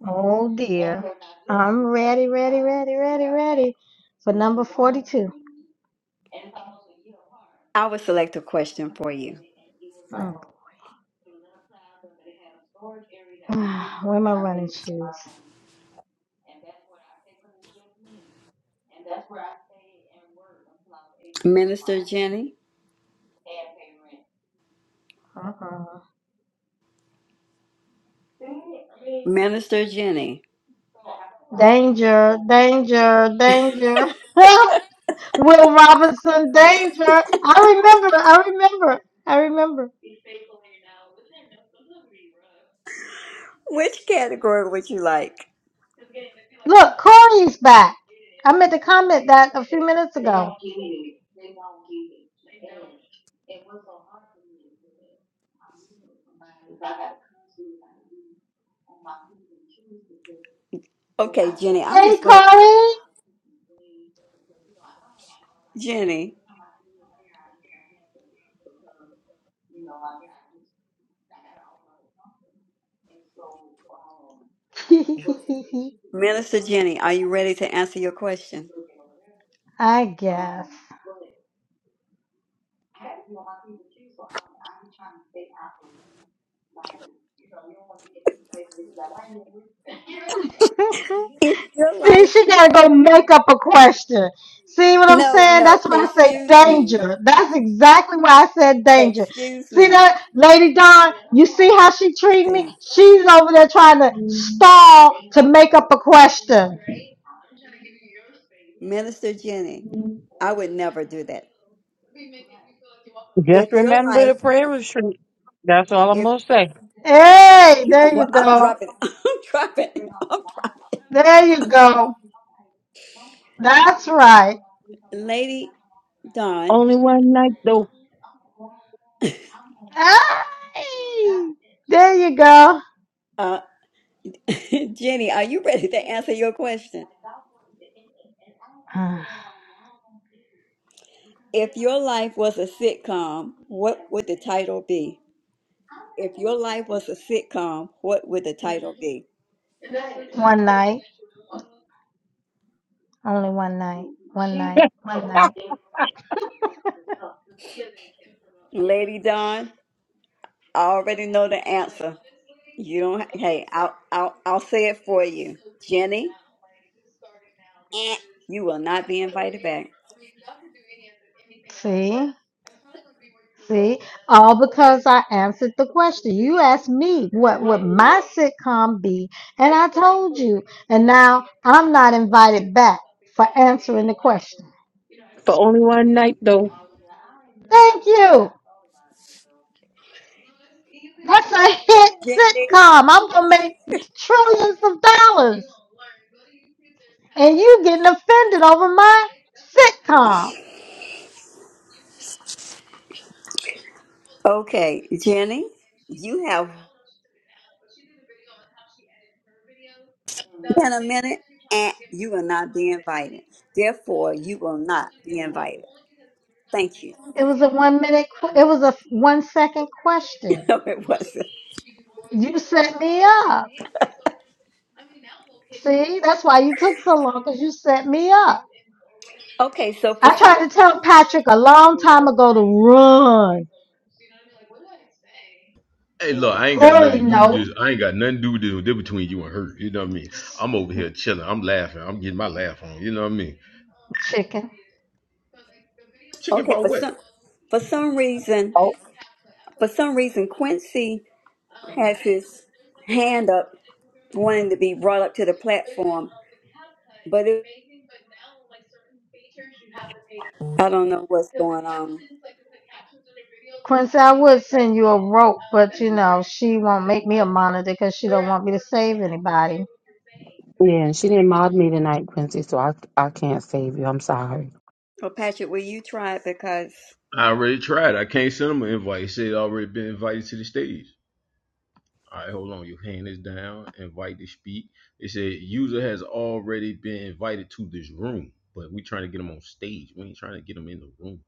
Oh dear. I'm ready, ready, ready, ready, ready for number 42.
I will select a question for you.
Oh. [SIGHS] Where are my running shoes?
Minister Jenny,
Uh-uh.
Minister Jenny,
Danger, danger, danger. [LAUGHS] Will Robinson Danger. I remember. I remember. I remember.
which category would you like?
Look, Corey's back. I meant to comment that a few minutes ago.
Okay, Jenny, I'll
Hey,
just go ahead.
Corey.
Jenny, Minister Jenny, are you ready to answer
[LAUGHS]
your question?
I guess.
If your
[LAUGHS] See,
life,
she gotta go make up a question. See what I'm
no,
saying?
no,
That's why I say
excuse me,
danger. That's exactly why I said danger.
excuse
See
me.
that, Lady Dawn? You see how she treated me?
See,
She's over there trying to stall to make up a question.
Minister Jenny, I would never do that.
Just
if your
remember
life,
the prayer retreat. That's all I'm
if
gonna say.
Hey,
[LAUGHS]
there you
well, I'm
go.
dropping, [LAUGHS] I'm dropping, I'm dropping.
There you go. That's right.
Lady Dawn,
Only one night though.
Hey, there you go.
uh, [LAUGHS] Jenny, are you ready to answer your question?
[SIGHS] Uh,
If your life was a sitcom, what would the title be? If your life was a sitcom, what would the title be?
one night, only one night, one night, one
[LAUGHS]
night.
Lady Dawn, I already know the answer. You don't. Hey, I'll I'll I'll say it for you, Jenny. You will not be invited back.
See, see, all because I answered the question. You asked me what would my sitcom be, and I told you. And now I'm not invited back for answering the question.
For only one night though.
Thank you. That's a hit
Jenny.
sitcom. I'm gonna make trillions of dollars. And you getting offended over my sitcom.
Okay, Jenny, you have in a minute, and you will not be invited. Therefore, you will not be invited. Thank you. [LAUGHS]
It was a one minute. que- It was a one second question.
No, it wasn't.
You set me up. See, that's why you took so long because you set me up.
Okay, so for
I
some,
tried to tell Patrick a long time ago to run.
Hey, look, I ain't got nothing
Corey,
to do with
no.
this. I ain't got nothing to do with this. They're between you and her. You know what I mean? I'm over here chilling. I'm laughing. I'm getting my laugh on. You know what I mean?
Chicken.
Chicken
okay,
about
for
what?
some, for some reason,
Oh,
for some reason, Quincy has his hand up, wanting to be brought up to the platform, but it, I don't know what's going on.
Quincy, I would send you a rope, but you know she won't make me a monitor because she don't want me to save anybody.
yeah, and she didn't mod me tonight, Quincy, so I I can't save you. I'm sorry.
Well, Patrick, will you try it? Because
I already tried. I can't send them an invite. He said already been invited to the stage. All right, hold on. Your hand is down. Invite to speak. It said user has already been invited to this room, but we trying to get them on stage. We ain't trying to get them in the room.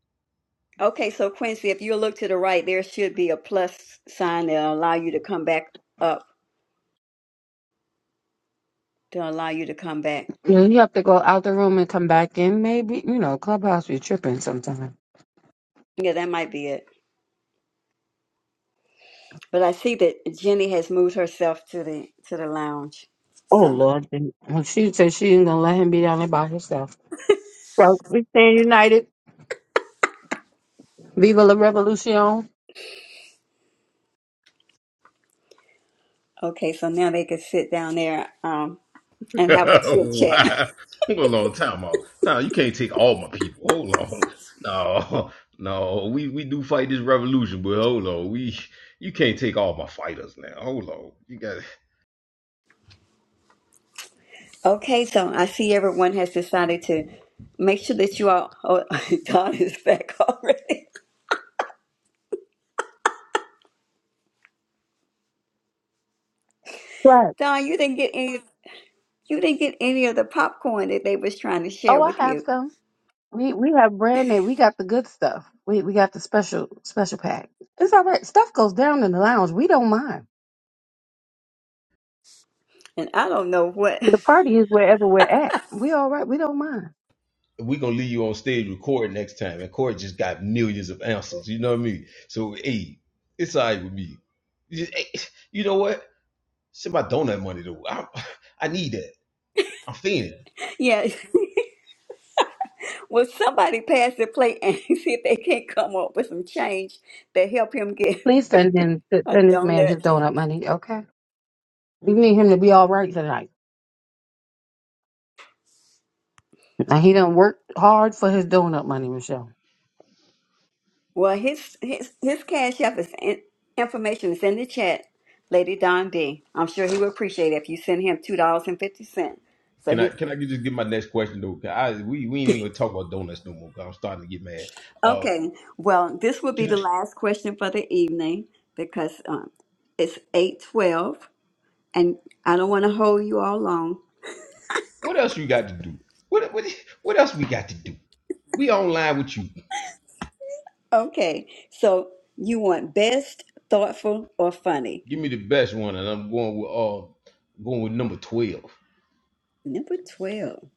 okay, so Quincy, if you look to the right, there should be a plus sign that'll allow you to come back up. To allow you to come back.
You, know, you have to go out the room and come back in, maybe. You know, Clubhouse be tripping sometimes.
Yeah, that might be it. But I see that Jenny has moved herself to the to the lounge.
Oh
So
Lord. then- well, She said she ain't gonna let him be down there by himself. So we stand united. Viva la revolution.
okay, so now they can sit down there um, and have a chit
[LAUGHS]
chat.
wow. Hold on, time out. Time. You can't take all my people. Hold on. [LAUGHS] No, no. We we do fight this revolution, but hold on. We you can't take all my fighters now. Hold on. You got.
Okay, so I see everyone has decided to make sure that you all. Oh, [LAUGHS] Don is back already.
Right.
[LAUGHS] Don, you didn't get any. You didn't get any of the popcorn that they was trying to share
Oh, I
with
have
you,
some. We we have brand name. We got the good stuff. We we got the special special pack. It's all right. Stuff goes down in the lounge. We don't mind.
and I don't know what. [LAUGHS]
The party is wherever we're at. We all right. We don't mind.
we gonna leave you on stage recording next time. And Corey just got millions of answers. You know what I mean? So hey, it's all right with me. You just- eh, you know what? Send my donut money though. I, I need that. I'm feeling. it.
Yeah, [LAUGHS] well, somebody pass the plate and [LAUGHS] see if they can't come up with some change to help him get
Please send him
a
send this man his
donut.
donut money. Okay. We need him to be all right tonight. Now he done worked hard for his donut money, Michelle.
Well, his his his cash app is in, information is in the chat, Lady Don D. I'm sure he would appreciate it if you send him two dollars and fifty cent. So
Can I
he
can I just get my next question though? 'Cause I we we ain't even gonna talk about donuts no more. i I'm starting to get mad. Uh,
okay. Well, this will be
can
the
I?
last question for the evening because um, it's eight twelve, and I don't want to hold you all long.
What else you got to do? What what what else we got to do? We online with you.
Okay, so you want best, thoughtful, or funny?
Give me the best one, and I'm going with uh going with number twelve.
Number twelve.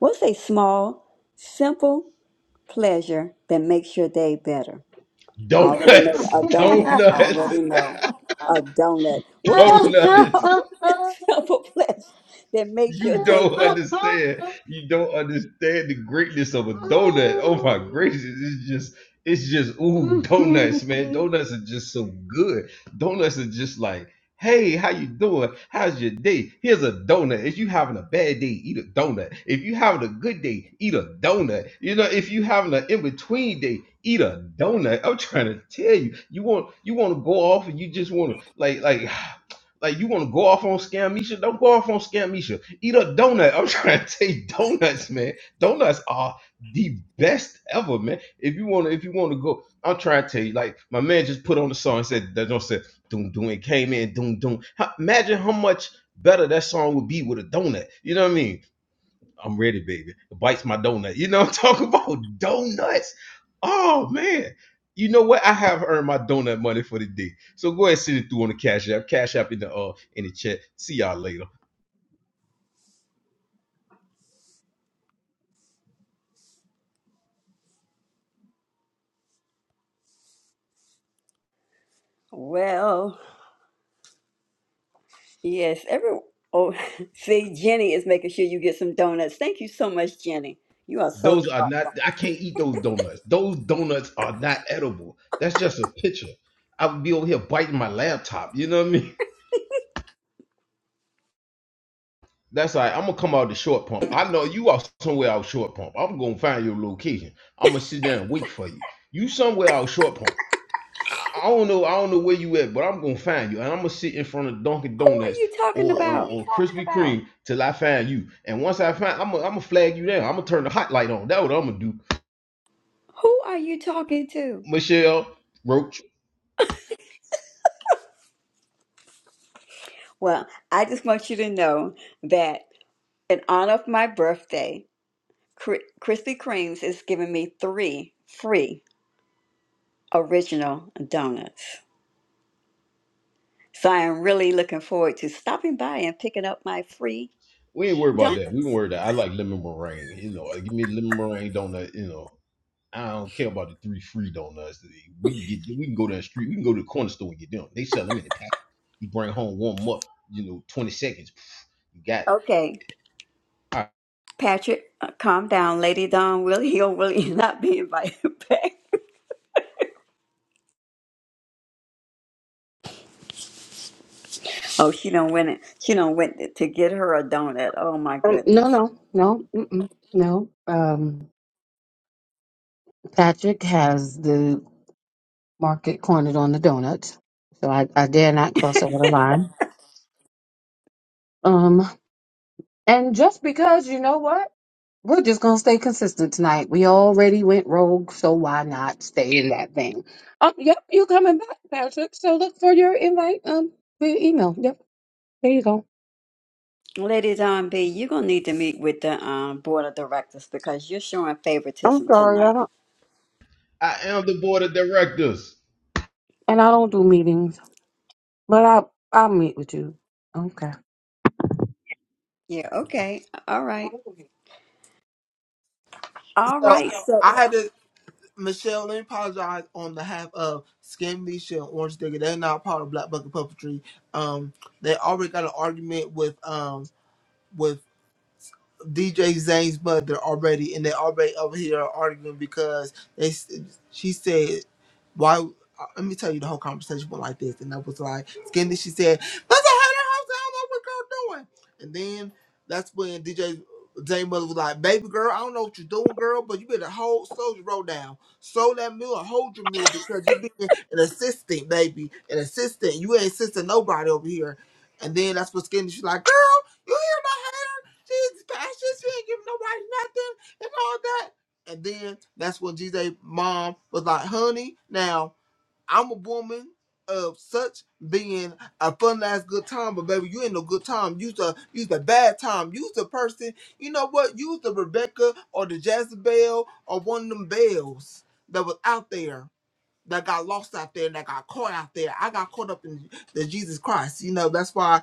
What's a small, simple pleasure that makes your day better? I already know that-
Donuts,
a
[LAUGHS]
donut. I
donuts.
already know a donut. [LAUGHS]
[LAUGHS]
What is a small,
donuts.
[LAUGHS]
[LAUGHS]
simple pledge that makes your
You
day
don't
better.
understand. You don't understand the greatness of a donut. Oh my gracious. It's just it's just ooh donuts, man. Donuts are just so good. Donuts are just like, hey, how you doing? How's your day? Here's a donut. If you having a bad day, eat a donut. If you having a good day, eat a donut. You know, if you having an in-between day, eat a donut. I'm trying to tell you. You want you want to go off and you just want to like like [SIGHS] Like you want to go off on Scamnesha? Don't go off on Scamnesha. Eat a donut. I'm [LAUGHS] trying to tell you, donuts, man. Donuts are the best ever, man. If you want to, if you want to go, I'm trying to tell you. Like my man just put on the song and said that don't said doom doom. It came in doom doom. How- Imagine how much better that song would be with a donut. You know what I mean? I'm ready, baby. It bites my donut. You know, what I'm [LAUGHS] talking about donuts. Oh man. You know what? I have earned my donut money for the day. So go ahead and send it through on the cash app. Cash app in the uh in the chat. See y'all later.
Well, yes, every oh, [LAUGHS] see, Jenny is making sure you get some donuts. Thank you so much, Jenny. You are so
Those are not
thoughtful.
I can't eat those donuts. Those donuts are not edible. That's just a picture. I would be over here biting my laptop. You know what I mean? That's all right. I'm gonna come out the short pump. I know you are somewhere out short pump. I'm gonna find your location. I'm gonna sit down and wait for you. You somewhere out short pump. I, I don't know. I don't know where you at, but I'm gonna find you, and I'm gonna sit in front of Dunkin'
Who are
Donuts
you talking
or or,
about?
or Krispy Kreme till I find you. And once I find, I'm gonna I'm gonna flag you down. I'm gonna turn the hot light on. That's what I'm gonna do.
Who are you talking to?
Michelle Roach,
Well, I just want you to know that in honor of my birthday, Cri- Krispy Kreme's is giving me three free original donuts. So I am really looking forward to stopping by and picking up my free
we ain't worried about
donut.
that. We can worry that. I like lemon meringue. You know, like, give me a lemon meringue donut. You know, I don't care about the three free donuts. We can get we can go down the street. We can go to the corner store and get them. They sell them in the packet. You bring home warm up. You know, 20 seconds. Pff, You got it.
Okay,
All right.
Patrick, uh, calm down, Lady Dawn. Willie. He'll really [LAUGHS] not be invited [LAUGHS] back. Oh, she don't win it. She don't went to get her a donut. Oh my
Um, no,
goodness.
no, no, mm-mm, no. Um, Patrick has the market cornered on the donuts, so I, I dare not cross over the line. Um, and just because you know what, we're just gonna stay consistent tonight. We already went rogue, so why not stay in that vein? Um, yep, you coming back, Patrick? So look for your invite um via email. Yep, there you go.
Lady Dawn, B, you're gonna need to meet with the um, board of directors because you're showing
I'm
favoritism
sorry, I
tonight.
don't,
I am the board of directors.
and I don't do meetings. But I I'll meet with you. Okay.
Yeah. Okay. All right. All
So
right. So,
I had to Michelle. Let me apologize on behalf of Skin Misha and Orange Digger. They're not part of Black Bucket Puppetry. Um, they already got an argument with um with DJ Zane's mother already, and they already over here arguing because they. s- She said, "Why?" uh, Let me tell you, the whole conversation went like this, and I was like, "Skinny." She said, "That's a hater house. I don't know what girl doing." And then that's when DJ Zane's mother was like, "Baby girl, I don't know what you're doing, girl, but you better hold soldier roll down, slow that mule, and hold your mule because you being an assistant, baby, an assistant. You ain't assisting nobody over here." And then that's what Skinny. She's like, "Girl, you hear that?" Jesus, passionate. She ain't giving nobody nothing and all that. And then that's when Jesus' mom was like, honey, now I'm a woman of such being a fun last good time, but baby, you ain't no good time. You's a you's a bad time. You's the person, you know what? You's the Rebecca or the Jezebel or one of them bells that was out there that got lost out there and that got caught out there. I got caught up in the Jesus Christ. You know, that's why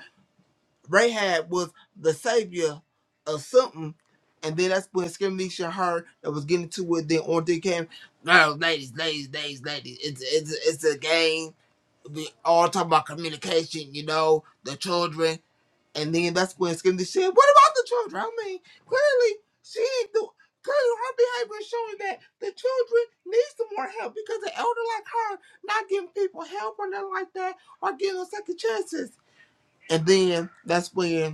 Rahab was the savior of something, and then that's when Skirmisha heard that was getting to it. Then on they came, girls, ladies, ladies, ladies, ladies. It's it's it's a game. We all talk about communication, you know, the children, and then that's when Skirmisha said, "What about the children?" I mean, clearly she didn't do. Clearly, her behavior is showing that the children need some more help because the elder like her not giving people help or nothing like that or giving them second chances. And then that's when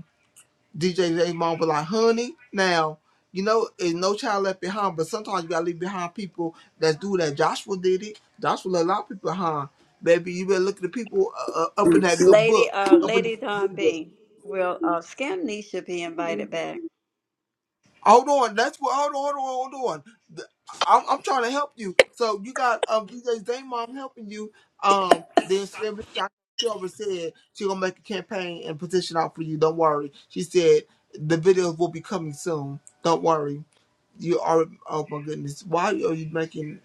DJ J J Mom was like, honey, now, you know, it's no child left behind, but sometimes you gotta leave behind people that do that. Joshua did it. Joshua left a lot of people behind. Baby, you better look at the people uh, uh, up in that good
Lady,
book.
uh,
Up in that
Lady Dawn,
good book.
B, will uh, Scamney should be invited back.
Hold on, that's what, hold on, hold on, hold on. The- I'm, I'm trying to help you. So you got um, DJ J J Mom helping you. Um, then she she already said she gonna make a campaign and petition out for you. Don't worry. She said the videos will be coming soon. Don't worry. you are oh my goodness why are you making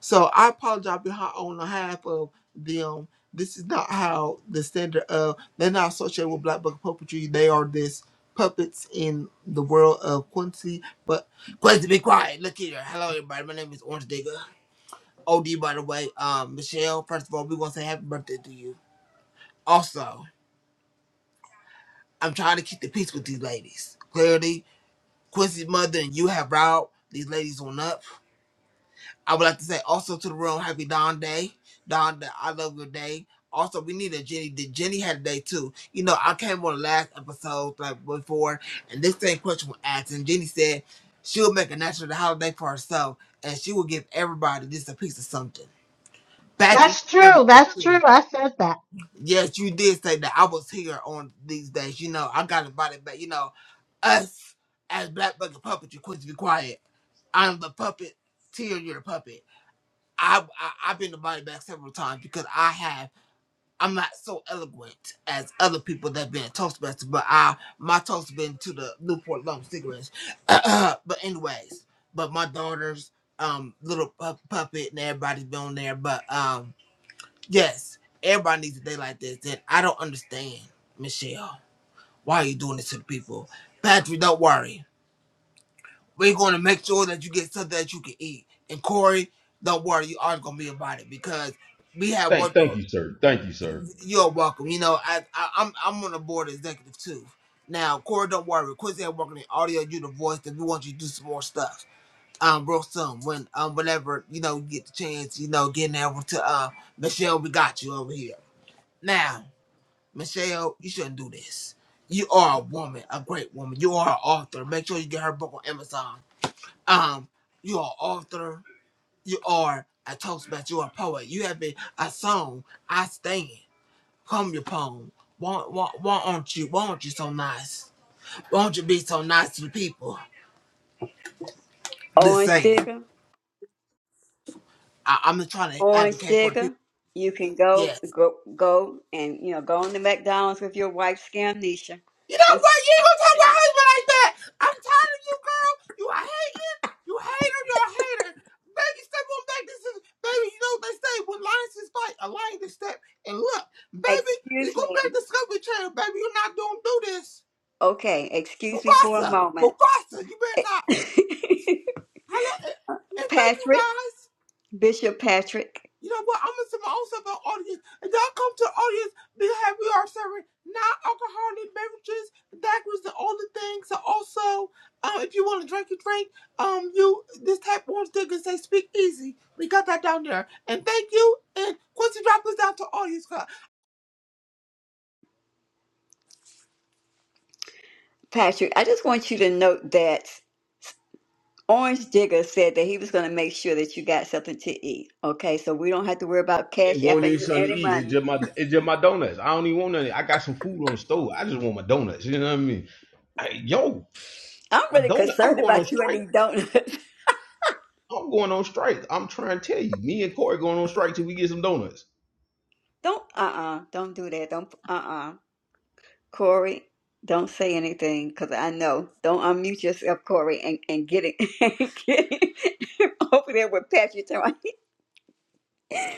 so i apologize behind on behalf of them this is not how the standard of they're not associated with black book puppetry they are this puppets in the world of quincy but quincy be quiet look here hello everybody my name is orange digger od by the way um michelle first of all we want to say happy birthday to you also i'm trying to keep the peace with these ladies clearly quincy's mother and you have riled these ladies on up I would like to say also to the room, happy Dawn Day. Dawn, Day, I love your day. Also, we need a Jenny. Did Jenny had a day too? You know, I came on the last episode like before, and this same question was asked, and Jenny said she would make a natural holiday for herself, and she would give everybody just a piece of something. Patrick, you
That's
have a
true.
day
That's true.
too.
I said that.
Yes, you did say that. I was here on these days. You know, I got invited back. You know, us as Black Bucket Puppets, you're quick to be quiet. I'm the puppet. Tear, you're the puppet. I, I I've been invited back several times because I have. I'm not so eloquent as other people that been toastmasters, but I my toast been to the Newport Lump cigarettes. [CLEARS THROAT] but anyways, but my daughters, um, little pu- puppet and everybody's been on there. But um, yes, everybody needs a day like this. And I don't understand, Michelle, why are you doing this to the people? Patrick, don't worry. We're going to make sure that you get something that you can eat. And Corey, don't worry, you are going to be about it because we have
Thank,
worked
thank
on.
you, sir. Thank you, sir.
You're welcome. You know, I, I I'm I'm on the board executive too. Now, Corey, don't worry. Quincy, I'm working in audio. You the voice. That we want you to do some more stuff. Um, real soon when um whenever you know you get the chance, you know, getting over to uh Michelle, we got you over here. Now, Michelle, you shouldn't do this. You are a woman, a great woman. You are an author. Make sure you get her book on Amazon. Um, you are author. You are a toastmaster. You are a poet. You have been a song. I stand. Come your poem. Why, why, why aren't you? Why aren't you so nice? Why don't you be so nice to the people? Just
Orange
saying.
Digger.
I, I'm just trying to
orange
advocate for the
sticker.
people.
You can go
Yeah.
go go and you know go on the McDonald's with your wife's scamnesia.
You know
Just
what? You ain't gonna talk about my husband like that. I'm tired of you, girl. You a hating. You a hater. You're a hater. Baby, step on back. This is baby. You know what they say? When lions is fight, a lion to step. And look, baby, you
excuse
go back
me.
to Discovery Channel, baby. You're not gonna do this,
Okay, excuse me for a
Mufasa.
moment.
Mufasa, you better not.
[LAUGHS]
Hello, and, and thank you
Patrick,
guys.
Bishop Patrick,
You know what? I'm gonna send my own self an audience. And y'all come to the audience because we are serving non-alcoholic beverages. That was the only thing. So also, um, if you want to drink, you drink. Um, you this tap on stick and say "Speak Easy." We got that down there. And thank you. And Quincy, drop us down to audience. club.
Patrick, I just want you to note that Orange Digger said that he was going to make sure that you got something to eat. Okay, so we don't have to worry about cash
It won't
apping
even
you
something to
any
eat. It's
money.
just my, it's just my donuts. I don't even want nothing. I got some food on the stove. I just want my donuts. You know what I mean? Hey, yo,
I'm
my
really
donut. I'm
concerned
going on
about you and
strike.
these donuts. [LAUGHS]
I'm going on strike. I'm trying to tell you. Me and Corey going on strike till we get some donuts.
don't, uh uh-uh, uh, do not do that. Don't, uh uh Corey, don't say anything because I know. Don't unmute yourself, Corey, and, and get it. [LAUGHS] and get it [LAUGHS] over there with Patrick. Tell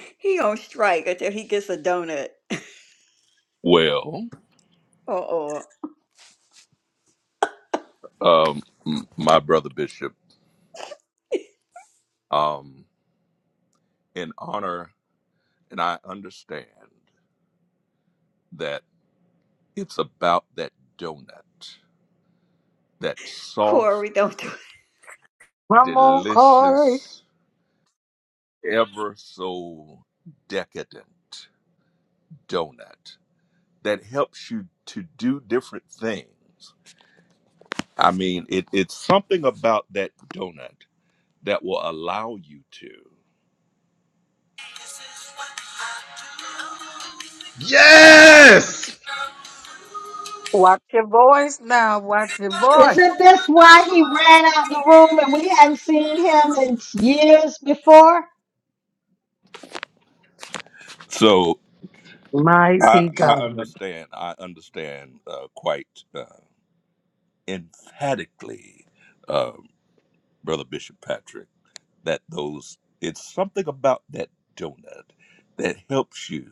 [LAUGHS] he on strike until he gets a donut. [LAUGHS]
Well,
Uh oh.
um, m- my brother Bishop, um, in honor, and I understand that it's about that donut, that
Corey,
soft,
don't do
Come on, Corey.
delicious, ever so decadent donut that helps you to do different things. I mean, it, it's something about that donut that will allow you to.
Yes.
Watch your voice now. Watch your voice.
Isn't this why he ran out the room and we hadn't seen him in years before?
So I,
Mighty
I
God.
understand. I understand uh, quite uh, emphatically, um, Brother Bishop Patrick, that those it's something about that donut that helps you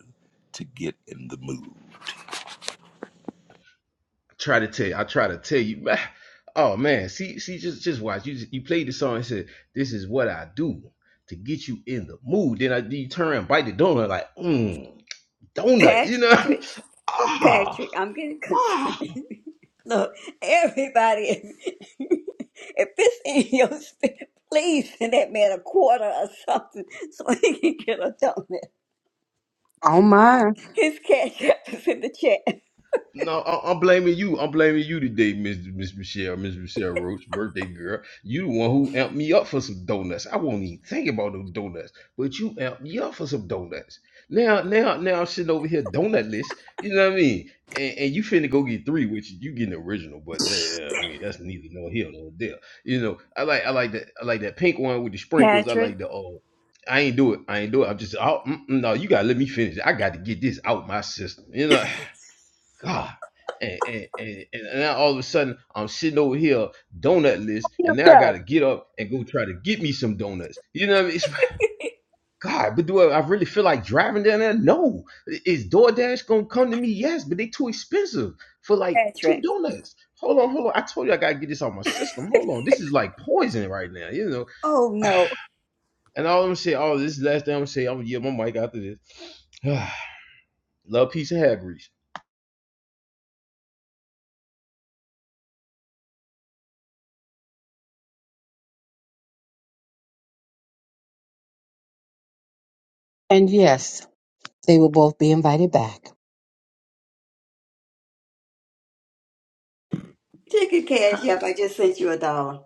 to get in the mood.
I try to tell you. I try to tell you. man. Oh man, see, see, just, just watch. You, just, you played the song and said, "This is what I do to get you in the mood." Then I, you turn around and bite the donut like, mm,
[LAUGHS]
donut.
it.
You know?
Patrick,
[LAUGHS] ah.
Patrick, I'm getting concerned.
Ah,
[LAUGHS] Look, everybody, [LAUGHS] if it's in your spirit, please send that man a quarter or something [LAUGHS] so he can get a donut.
Oh my.
His cash app is in the chat.
No, I, I'm blaming you. I'm blaming you today, Miss Miss Michelle, Miss Michelle Roach, birthday girl. You the one who amped me up for some donuts. I won't even think about those donuts, but you amped me up for some donuts. Now, now, now I'm sitting over here donutless. You know what I mean? And, and you finna go get three, which you getting original, but that, I mean that's neither no here nor there. You know, I like I like that I like that pink one with the sprinkles. I
Patrick,
like the oh, I ain't do it. I ain't do it. I'm just oh, mm, mm, no. You gotta let me finish. it. I got to get this out my system. You know. [SIGHS] God. And, and, and, and now all of a sudden I'm sitting over here donut list, and now I
Yourself.
gotta get up and go try to get me some donuts. You know what I mean? It's, like, God, but do I, I really feel like driving down there? No. Is DoorDash gonna come to me? Yes, but they too expensive for like
Patrick.
two donuts. Hold on, hold on. I told you I gotta get this out my system. Hold on. This is like poison right now, you know. [SIGHS]
Oh no.
And all I'm gonna say, oh, this is the last thing I'm gonna say, I'm gonna yield my mic after this. [SIGHS] Love, peace, and hair grease.
And yes, they will both be invited back.
Check your cash app. I just sent you a dollar.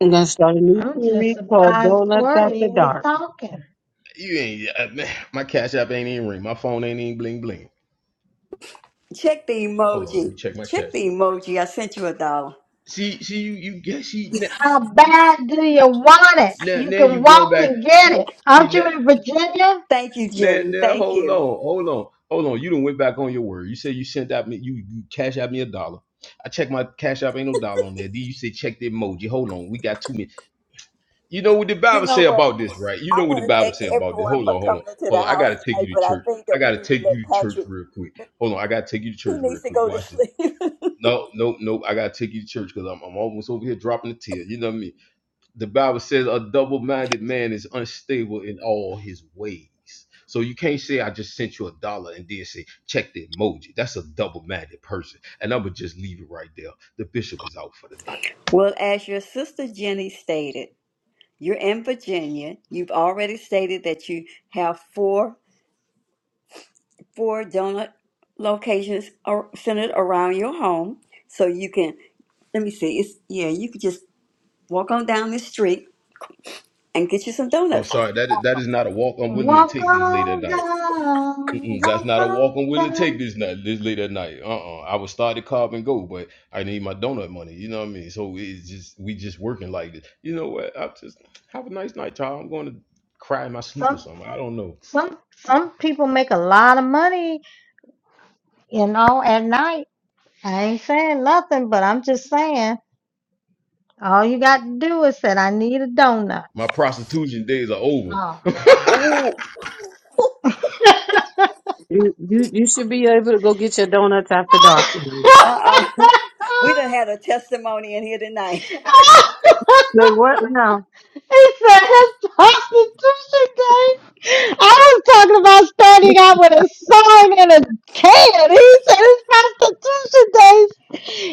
I'm gonna start a new
I'm just
series called
surprised
Donuts After
Corey was
Dark.
talking.
You ain't uh, man, my cash app ain't even ring. My phone ain't even bling bling.
Check the
Hold on, let me
emoji.
check my cash
Check the
app.
emoji. I sent you a dollar.
See, see, you you get see now
How bad do you want it?
now,
You
now
can
you going
walk
back.
and get
See,
it.
see
Aren't you
now,
in Virginia?
Thank you,
now
Jenny.
now
Thank
hold on,
you.
hold on, hold on. You done went back on your word. You said you sent out me you you cash out me a dollar. I checked my cash app, ain't no dollar on there. Then you said check the emoji. Hold on, we got two minutes. You know what the
You
Bible
know
say
what?
about this, right? You
I
know what the
want to
Bible
thank
say about this.
everyone
Hold
for
on, hold
coming
on,
into
hold
the
on. I
house
gotta take you
tonight,
to
but I
church.
think
I
that we
gotta
need to
take
let
you to church
Patrick,
real quick. Hold on, I gotta take you to
he
church
needs
real
to
quick.
go to
Watch this.
sleep.
No, nope, nope. I gotta take you to church because I'm, I'm almost over here dropping a tear. You know what I mean? The Bible says a double-minded man is unstable in all his ways. So you can't say I just sent you a dollar and then say check the emoji. That's a double-minded person, and I'm gonna just leave it right there. The bishop is out for the night.
[LAUGHS] well, as your sister Jenny stated, you're in Virginia. You've already stated that you have four four donut locations are centered around your home. So you can, let me see, it's, yeah, you could just walk on down the street and get you some
I'm
donuts.
sorry that is, that is not a walk I'm willing to
Walk
take this late at
on
night.
down,
Mm-mm, that's
walk
not a
on
walk I'm willing to take
down.
this night, this late at night. Uh-uh. I would start the car and go, but I need my donut money. You know what I mean? So it's just we just working like this. You know what? i just have a nice night, child. I'm going to cry in my sleep or
Some
something. I don't know.
some some people make a lot of money, you know, at night. I ain't saying nothing, but I'm just saying all you got to do is say, I need a donut.
My prostitution days are over.
Oh.
[LAUGHS] I
Oh,
You you you should be able to go get your donuts after dark. Say
uh-uh. [LAUGHS] We done
[LAUGHS]
had a testimony in here tonight. [LAUGHS]
what now?
It's a hip prostitution game. I was talking about starting out with a song and a can. He said it's prostitution days.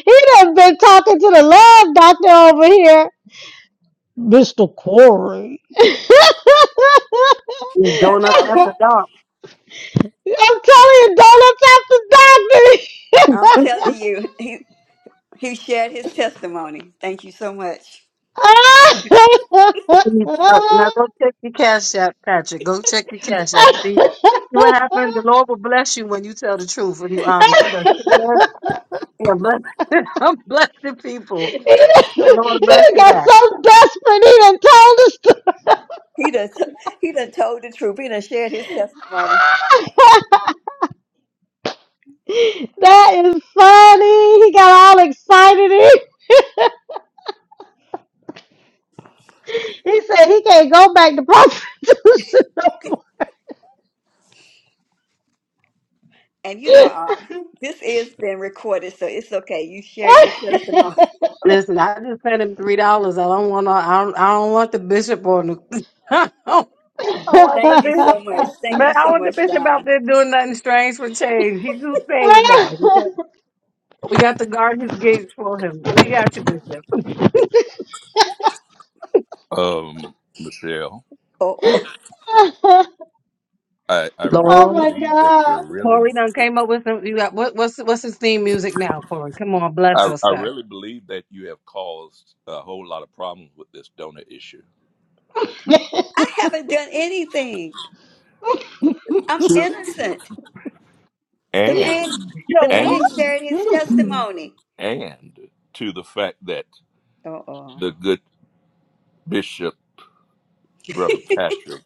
He done been talking to the love doctor over here. Mr. Corey. [LAUGHS]
It's
But
donuts
uh,
after
we,
dark.
I'm telling you, donuts
I'm telling you, he, he shared his testimony. Thank you so much.
Please, uh, Now go
after
check your cash app, Patrick. Go check your cash app. See see what happened.
doctor.
The
[LAUGHS]
Lord will bless you when you tell the truth. When you
[LAUGHS]
honest, He
he
does share. He'll bless. [LAUGHS] I'm blessing people. The Lord will bless
done
you
got
back.
so desperate he done told us to.
He done, t- he done told the truth. He done shared his testimony.
[LAUGHS] that is funny. He got all excited. He, he said he can't go back to prostitution.
And you know, um, this is been recorded, so it's okay. You shared your testimony.
Listen, I just sent him three dollars. I don't want. to I don't. I don't want the bishop on the. [LAUGHS] I don't
[LAUGHS]
want the
Thank you
bishop.
so much. Thank you
But I
so
want the
much,
bishop out
Don.
there doing nothing strange for change. He's too saved now. We got, we got to guard his gates for him. We got you, bishop.
Um, Michelle,
Oh, oh.
I, I really
oh
Lord.
my
believe that you're
god.
really,
Corey done came up with some. You got what? What's what's his theme music now, Corey? Come on, bless
I,
us,
I
sir.
really believe that you have caused a whole lot of problems with this donut issue.
[LAUGHS]
I haven't done anything. I'm
Two
innocent. The
And,
man,
Yo,
the
and,
man shared his
Mm-mm.
testimony.
and to the fact that
Oh, oh.
the good bishop, Brother Patrick,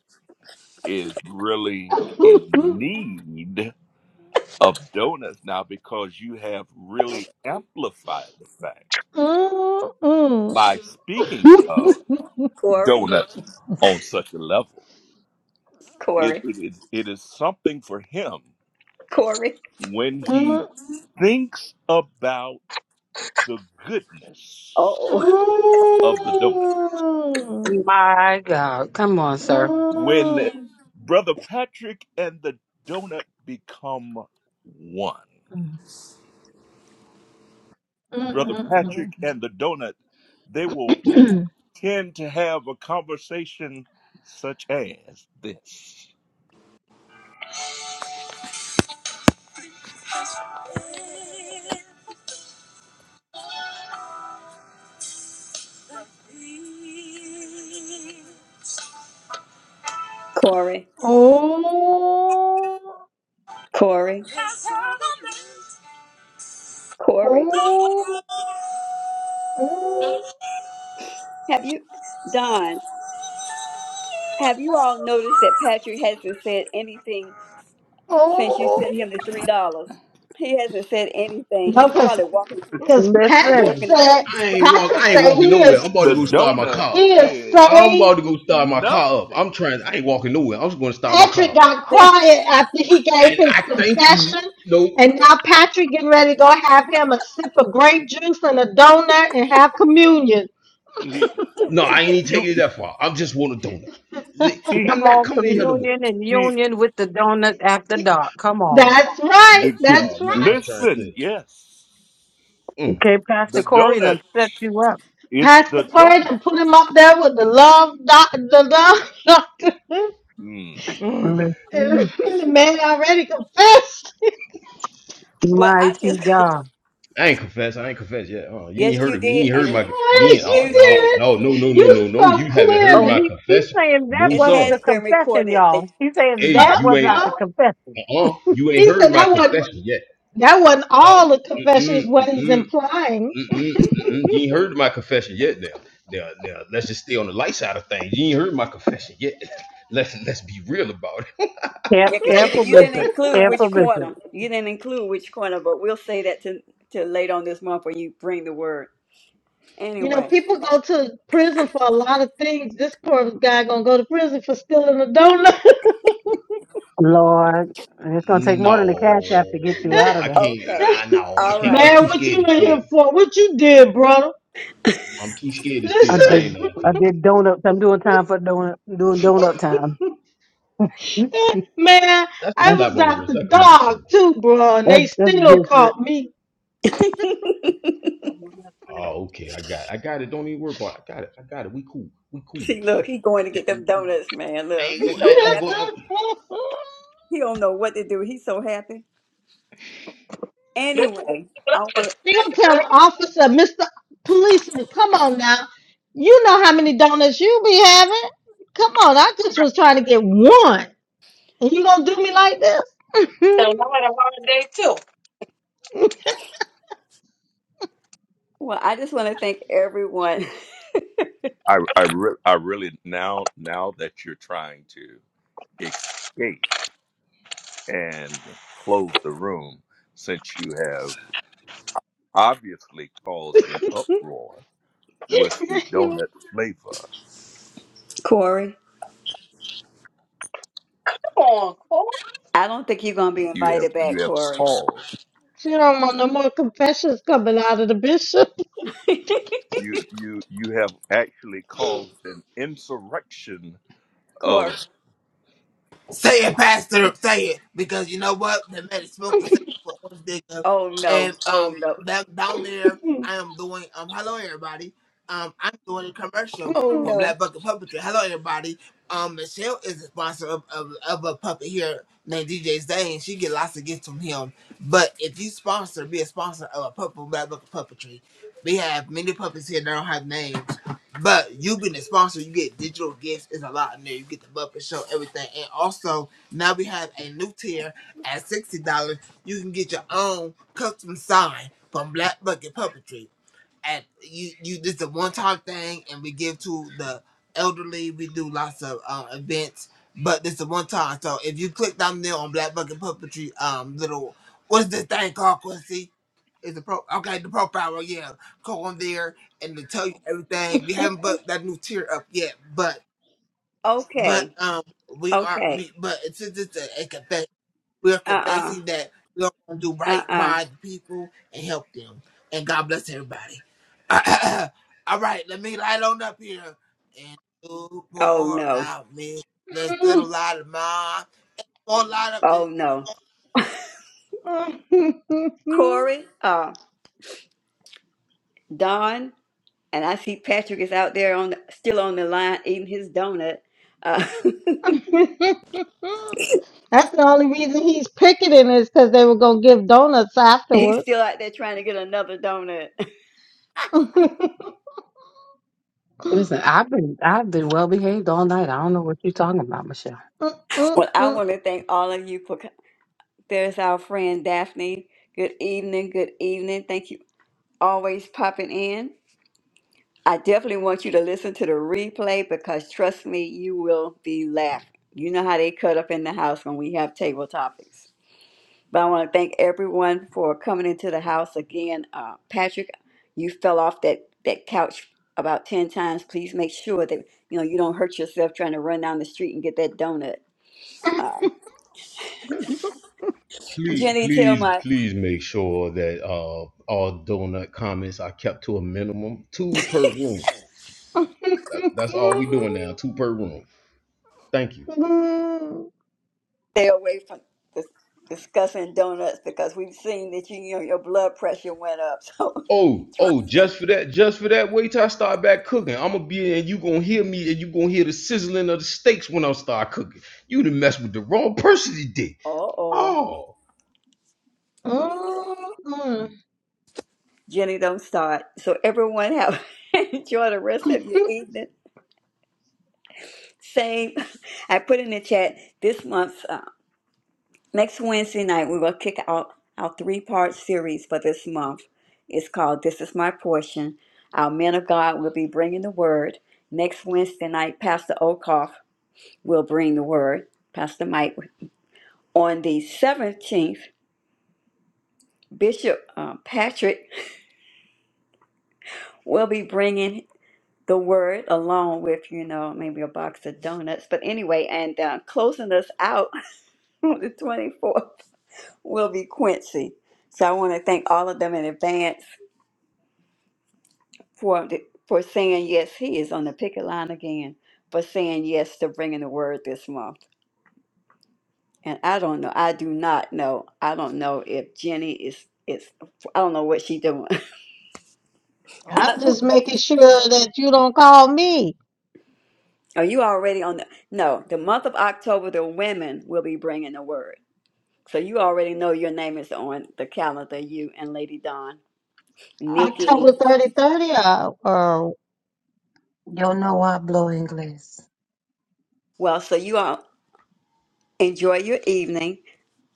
is really in need of donuts now because you have really amplified the fact by speaking of
Corey,
donuts on such a level. It,
Corey,
it, it it is something for him
Corey.
when he thinks about the
Oh,
goodness
oh.
of the donut.
Mm-mm.
My God, come on, sir.
when
음.
Brother Patrick and the donut become one. Brother
음.
Patrick and the donut, they will
[CLEARS THROAT]
tend to have a conversation such as this.
Corey,
oh,
Corey,
oh,
Corey.
oh!
Have you, Don? Have you all noticed that Patrick hasn't said anything
어.
since you
어.
sent him the three dollars? He hasn't said anything.
No,
He's
'cause
probably walking.
'cause
He's
Patrick
Listen,
walking the
said
Krispy
ain't walk.
Patrick
I
Kreme right
ain't
now.
said
walking
he
nowhere. I'm
is
about to
The
go start my
donut
car.
he is
said
I'm about
saved.
to go start my
nothing.
car up. I'm trying. I ain't walking nowhere. I'm just going to start my car.
Patrick
up.
got quiet after he gave
And
his
I thank you.
confession,
No.
and now Patrick getting ready to go have him a sip of grape juice and a donut and have communion.
He,
No, I ain't even
you,
taking it that far. I just want a donut.
[LAUGHS]
The-
come
he,
I'm not
on,
coming in here no more.
communion and
he,
union with the donut after dark. Come on,
That's right.
the, the-
That's
Oh man,
right.
I'm trying to.
listen, yes.
Mm.
okay,
The
Pastor Corey
donut,
done set you up.
it's the
Pastor card
donut.
and put him up there with the love doc, the love doctor. [LAUGHS]
Hmm.
Mm.
Listen,
And the man already confessed. [LAUGHS]
[LAUGHS] well, I
mighty
just [LAUGHS]
God.
I ain't confess. I ain't confess yet. Oh, you ain't
Yes,
heard
you
it. You
did.
ain't
And
heard
it-
my. You ain't.
yes, you
Oh
excuse
no,
did
me,
it.
no, no, no, no,
You
no, no. You
spoke
haven't heard
Oh,
my
clearly.
he he's
confession.
saying that
No
it
wasn't
sir.
has
the
been
confession,
recorded. That,
y'all. He's saying
Hey,
that
Uh,
you
was
ain't.
not
uh.
the confession.
Uh, uh you ain't
He
heard
said
my
that wasn't
confession yet.
that wasn't
Dog.
all the confession
Mm-mm,
is what he's
mm-mm,
implying.
mm-mm, mm-mm. You ain't heard my confession yet. Now, now, now. Let's just stay on the light side of things. You ain't heard my confession yet. [LAUGHS] let's let's be real about it.
Care,
yeah, because you, di-
careful
[LAUGHS]
you didn't
business.
include
Careful
which corner.
business.
You didn't include which corner, but we'll say that to, to later on this month when you bring the word.
you know,
Anyway,
people go to prison for a lot of things. This poor guy gonna go to prison for stealing a donut. [LAUGHS]
Lord, it's gonna take more than the cash app to get
No,
you out
no,
of
I
there.
can't.
okay.
I no, I
All
can't.
right.
I'm
Man,
too
what
scared
you
to
in here
steal.
for? What you did, brother?
I'm too scared to
I
steal. I
Listen,
did.
ain't
[LAUGHS]
lying to
I
you.
did donuts. I'm doing time for donut. Doing donut time.
man,
That's a
I
That's
slap
was
on the
out
wrist.
the
That community
dog
service.
too, bro, and
that's,
they
that's
still
different.
caught me.
Oh, okay. I got. I got it. Don't even worry about it. I got it. I got it. We cool. We cool.
See, look, he
I
going to
got.
get them donuts, man.
I
Look,
[LAUGHS]
ain't
they
gonna.
he's
I,
so
gonna
I'm going.
happy.
I'm,
He don't know what to do. He's so happy.
This is-
Anyway, I
this
want.
is-
tell the officer, Mister Policeman, come on now, you know how many donuts you be having? Come on, I just was trying to get one, and you gonna do me like this?
that's a
[LAUGHS]
hard day too. Come
Well, I just want to thank everyone.
I I, re- I really now now that you're trying to escape and close the room, since you have obviously caused an uproar with the donut flavor,
[LAUGHS] Corey,
on, Cole.
I don't think you're gonna be
you have
invited back,
you have
Corey.
caused.
she don't want no more confessions coming out of the bishop.
[LAUGHS]
you you you have actually caused an insurrection of
Corey.
Say it, Pastor. Say it, because you know what? The man is smoking sex for orange diggers,
Oh no.
and
Oh
um,
no.
back down there, I am doing um. Hello, everybody. Um, I'm doing a commercial
Oh
for
no.
Black Bucket Puppetry. Hello, everybody. Um, Michelle is a sponsor of, of, of a puppet here named DJ Zane. She get lots of gifts from him. But if you sponsor, be a sponsor of a puppet Black Bucket Puppetry. We have many puppets here that don't have names. But you being a sponsor, you get digital gifts. It's a lot in there. You get the Muppet Show, everything, and also now we have a new tier at sixty dollars. You can get your own custom sign from Black Bucket Puppetry. And you, you, this is a one-time thing, and we give to the elderly. We do lots of um, events, but this is one-time. So if you click down there on Black Bucket Puppetry, um, little what's this thing called, Quincy? Is the pro okay? The profile, yeah. Go on there and to tell you everything. We haven't put that new tier up yet, but but
Okay.
um, we are
Okay.
we but it's it's, it's a, a confess. We are
Uh-uh.
confessing that we are going to do right
Uh-uh.
by the people and help them. And God bless everybody. [COUGHS] [CLEARS THROAT] All right, let me light on up here. And you
Oh
pour
no.
out me this little
[LAUGHS]
light of mine. Pour a light up this.
Oh no.
[LAUGHS] That's
Corey, uh, Don, and I see Patrick is out there on the, still on the line eating his donut. Uh,
the only reason he's picketing is because they were gonna give donuts
[LAUGHS] he's
afterwards. [LAUGHS]
still out there trying to get another donut. [LAUGHS]
I'm
Listen, I've been I've been well behaved all night. I don't know what you're talking about, Michelle.
Well, I want to thank all of you for co- there's our friend Daphne. Good evening. Good evening. Thank you always popping in. I definitely want you to listen to the replay because trust me, you will be laughing. You know how they cut up in the house when we have table topics. But I want to thank everyone for coming into the house again. Uh, Patrick, you fell off that, that couch about 10 times. Please make sure that you know you don't hurt yourself trying to run down the street and get that donut.
please,
Jenny, tell
please,
my
please make sure that uh all donut comments are kept to a minimum, two per room. That, that's all we doing now. Two per room. Thank you.
stay away from dis- discussing donuts because we've seen that you, you know your blood pressure went up. [LAUGHS]
Oh,
So trust
oh,
me.
just for that, just for that. Wait till I start back cooking. I'm gonna be in, and you gonna hear me, and you gonna hear the sizzling of the steaks when I start cooking. You done messed with the wrong person today.
Uh oh.
Oh.
Jenny, don't start. So everyone have [LAUGHS] enjoy the rest of your evening. Same. [LAUGHS] I put in the chat this month, uh, next Wednesday night, we will kick out our three-part series for this month. It's called "This Is My Portion." Our men of God will be bringing the word next Wednesday night. Pastor Okoff will bring the word. Pastor Mike on the seventeenth. Bishop uh, Patrick [LAUGHS] will be bringing the word along with you know maybe a box of donuts but anyway and uh, closing us out [LAUGHS] on the 24th will be quincy so i want to thank all of them in advance for the, for saying yes he is on the picket line again for saying yes to bringing the word this month and i don't know i do not know i don't know if jenny is is i don't know what she's doing [LAUGHS]
just making sure that you don't call me
are you already on the no the month of october the women will be bringing the word So you already know your name is on the calendar, you and Lady Dawn.
October
Nikki.
thirty thirty. or, or
Yo no hablo inglés.
Well, so you all enjoy your evening.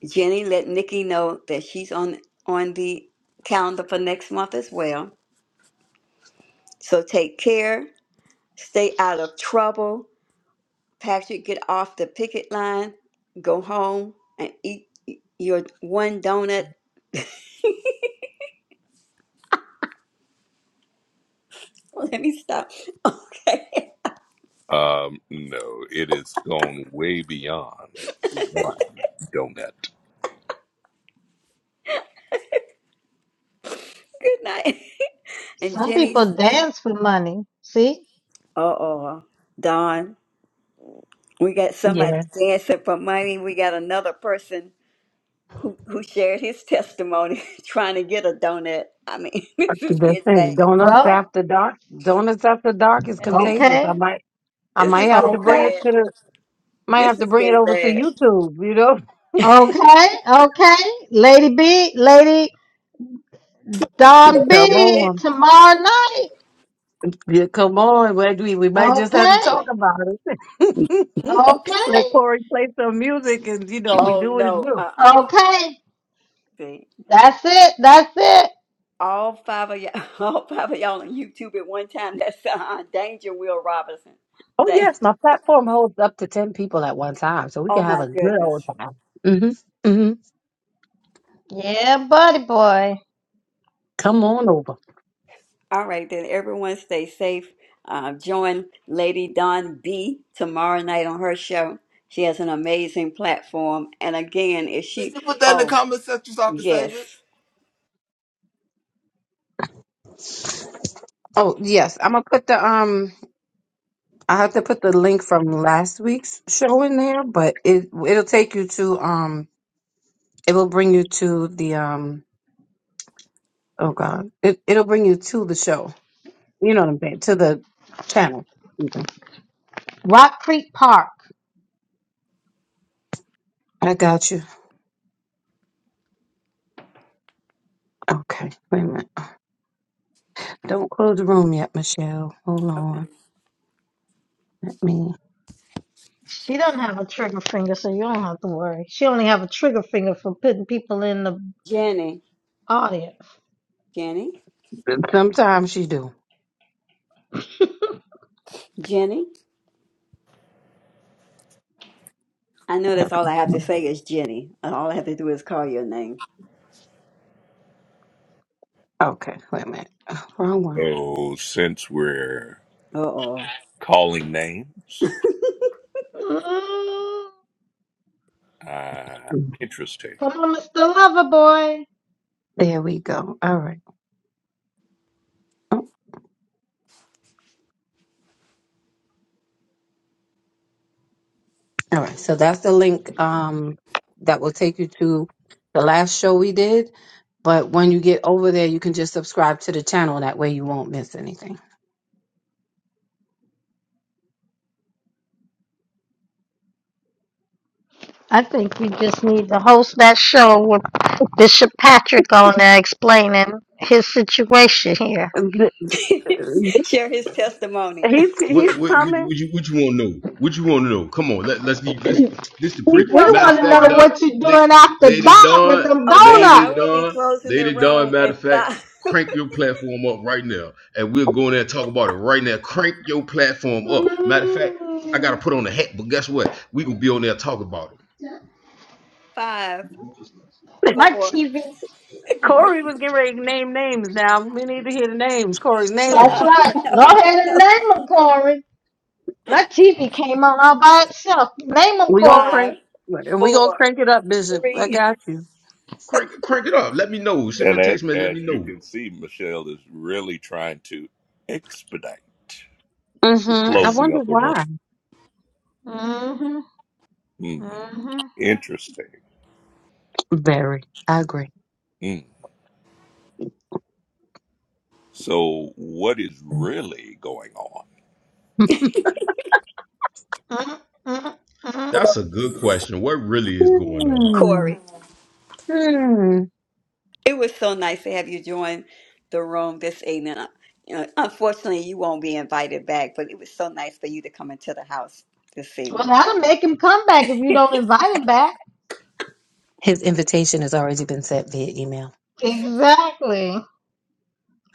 Jenny, let Nikki know that she's on on the calendar for next month as well. So take care. Stay out of trouble. Patrick, get off the picket line. Go home and eat your one donut. [LAUGHS] Let me stop. Okay.
um no it has gone way beyond one donut
[LAUGHS] Good night. [LAUGHS] And
some
Jenny.
people dance for money. See?
uh oh. Dawn. We got
Yeah.
somebody dancing for money. We got another person who, who shared his testimony [LAUGHS] trying to get a donut. I mean, [LAUGHS] this is
The
getting bad.
thing, donuts
Well,
after dark. Donuts after dark is
This
contagious. I
okay,
might, I
this is
might have to
getting
bring
okay.
it
bad.
to the, might have
This
to
is
bring it
getting
over to
bad.
YouTube. You know,
Okay, okay. Lady B, Lady Don
[LAUGHS] come
You're getting-
B,
on,
tomorrow night.
yeah, come on. but We we might just have to
Okay,
talk about it. [LAUGHS] Let
okay,
Corey play some music, and you know, we
Oh
do what it
no,
do.
uh uh
okay.
See.
That's it, that's it.
All five of y'all [LAUGHS] all five of y'all on YouTube at one time. That's uh, Danger Will Robinson.
Oh
Dang.
yes, my platform holds up to ten people at one time, so we
Oh
can have
my
a good
goodness.
old time. hmm hmm
Yeah, buddy boy.
Come on over.
All right, then everyone stay safe. Uh, join Lady Dawn B tomorrow night on her show. She has an amazing platform. And again, if she,
Put that in the
oh,
comment section so I can
yes,
save it.
Oh yes, I'm gonna put the um. I have to put the link from last week's show in there, but it it'll take you to um it will bring you to the um oh god it it'll bring you to the show. You know what I'm saying to the channel. Mhm.
Rock Creek Park.
I got you. Okay, wait a minute. Don't close the room yet, Michelle. Hold on. Let me.
She doesn't have a trigger finger, so you don't have to worry. She only have a trigger finger for putting people in the
Jenny,
audience.
Jenny,
Sometimes you do.
Jenny. I know that's all I have to say is Jenny. And all I have to do is call your name.
Okay, wait a minute. Wrong
so since we're
Uh oh.
calling names
Mm,
uh
one.
interesting
come on, Mr. Lover Boy.
There we go. All right. All right, so that's the link um, that will take you to the last show we did. But when you get over there, you can just subscribe to the channel. That way, you won't miss anything.
I think we just need to host that show where Bishop Patrick on there explaining his situation here.
Th-
[LAUGHS]
He's
Share his testimony.
he's
What what would
coming.
you what you want to know? What you want to know? Come on, let let's be let's this the
He's
pre.
We
gonna
Matter of
want
come
to
fact,
know
on.
Don,
what you are
La-
doing after
Lady
dark with
Don,
them
Okay, I
Lady
donuts.
will be
Don,
closing the
Lady Don.
room
Matter
in
of fact,
five,
crank your platform up right now, and we'll go in there and talk about it right now. Crank your platform up. Matter of fact,
[LAUGHS]
I gotta
Mm,
put on a hat, but guess what? We gonna be on there and talk about it.
[LAUGHS] five,
[LAUGHS]
My
four,
TV.
Corey was getting ready to name names. Now we need to hear the names. Corey's name
That's
him.
uh-uh, [LAUGHS]
right. Go
no,
ahead and
no,
name them, Corey. My TV came on all by itself. Name them,
We gonna
Corey.
five,
crank and we gonna
four,
crank it up, Bishop. I
three.
got you.
Crank crank it up. Let me know. Send me
and
a
as,
text man. Let
as
me
you
know.
can see michelle is really trying to expedite the
hmm I
Yes,
closing
wonder
of the room
why.
Mm-hmm.
Hmm,
Mm-hmm.
interesting
Very. I agree.
Hmm. so what is really going on
mm mm mm.
that's a good question. What really is going on?
[LAUGHS]
Corey.
Hmm.
It was so nice to have you join the room this evening. Uh, You know, unfortunately, you won't be invited back, but it was so nice for you to come into the house this
Well,
evening.
that'll make him come back if you don't invite him back.
His invitation has already been sent via email.
Exactly.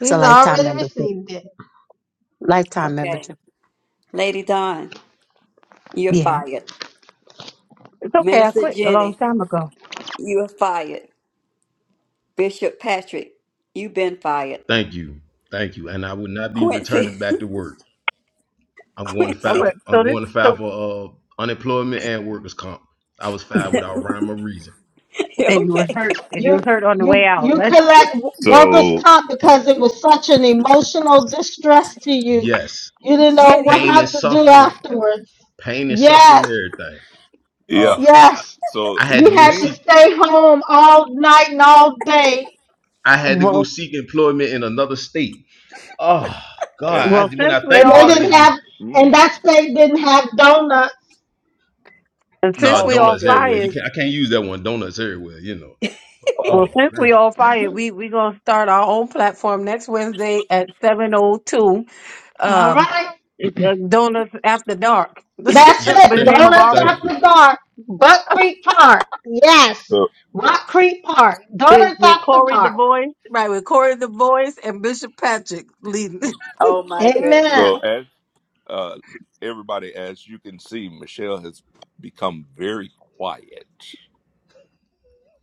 It's a lifetime
already
membership.
received it.
Lifetime
Okay.
membership.
Lady Dawn, you're
Yeah.
fired.
It's okay. I
Minister
quit a long
Jenny,
time ago.
you're fired. Bishop Patrick, you've been fired.
Thank you, thank you, and I would not be
Quincy,
returning back to work.
[LAUGHS]
I'm going to
All
file.
Quincy,
right. So
I'm
this
going to file
so
for uh, unemployment and workers' comp. I was fired without rhyme or reason.
[LAUGHS]
and you was
okay.
hurt and you
You
was hurt on the way
you
out.
you
That's
collect workers'
so
comp because it was such an emotional distress to you.
Yes,
You didn't know what
Jenny,
pain
how
and
to do
suffering,
afterwards.
pain and suffering,
Yes,
everything.
yeah
Oh,
yes.
So
I
and
had to
You
go
had to
see
seek.
stay home all night and all day,
I had to go
well
seek employment in another state. Oh
and
God,
well
I, when
since
I
we
think
and they
about
all
it,
didn't
it just
have, and
mm,
that state didn't have donuts.
and
nah,
since
oh
we
my
all
donuts everywhere. You
goodness.
fired
can't. I can't use that one. Donuts everywhere. You know. Oh
well
my
since we
gracious.
all fired, we we gonna start our own platform next Wednesday at seven oh two.
All
Um
right,
uh, donuts after dark. [LAUGHS] That's
that's
Yeah.
gonna be
it.
the
Thank
name
you.
of our
Donuts
Thank
room.
you.
after dark. Buck Creek Park. Yes,
so
Rock Creek Park.
With,
Donuts
with
after
Corey the
dark.
voice, right? With Corey the voice and Bishop Patrick leading, [LAUGHS]
Oh my goodness.
Amen.
so as uh, everybody as you can see, Michelle has become very quiet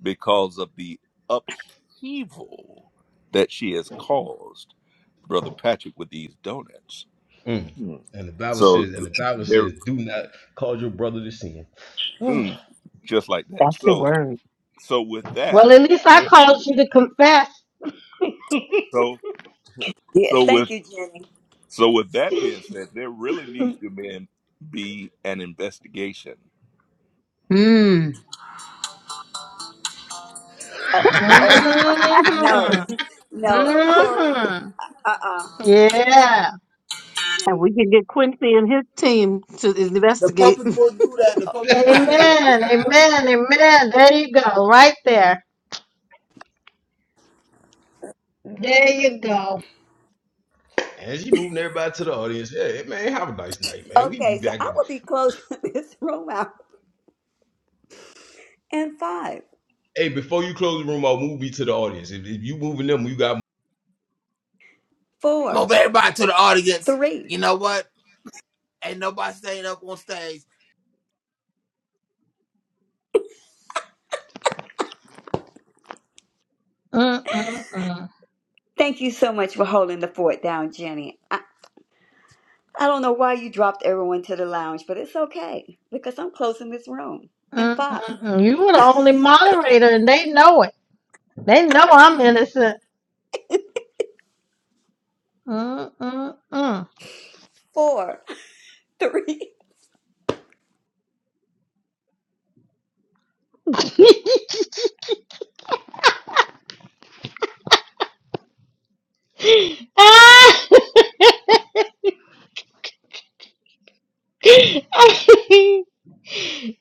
because of the upheaval that she has caused, Brother Patrick, with these donuts.
Mm.
Mm.
And the Bible
So
says, and the Bible
there,
says, do not cause your brother to sin. Oh.
mm, just like that.
That's the
So
word.
so with that,
Well, at least I
there.
called you to confess.
So
Yes,
so
thank
with
you, Jenny.
so with that being said, there really needs to be an, be an investigation
Mm.
Oh, oh [LAUGHS]
[LAUGHS]
no,
Mm hmm
[LAUGHS] no,
mm
Corey.
hmm
Uh uh
Yeah.
and we and his team to
The
investigate. [LAUGHS]
puppets will do that. The puppets will do it.
and
Amen. Amen. Amen. There you go. Right there. There you go.
she moving everybody to the audience. Yeah, Hey, man, have a nice night, man. We be
Okay, so
back.
I
In,
will be closing [LAUGHS] this room out in five,
hey, before you close the room, I'll move me to the audience. If, if you moving them, you got
four,
Move everybody to the audience.
three.
You know what? Ain't nobody staying up on stage.
Mm-mm-mm.
Thank you so much for holding the fort down, Jenny. I, I don't know why you dropped everyone to the lounge, but it's okay because I'm closing this room in five,
Mm-mm-mm. You were the only moderator, and they know it. They know I'm innocent. Mm-mm-mm.
four, [LAUGHS] three.
[LAUGHS] Ah! [LAUGHS]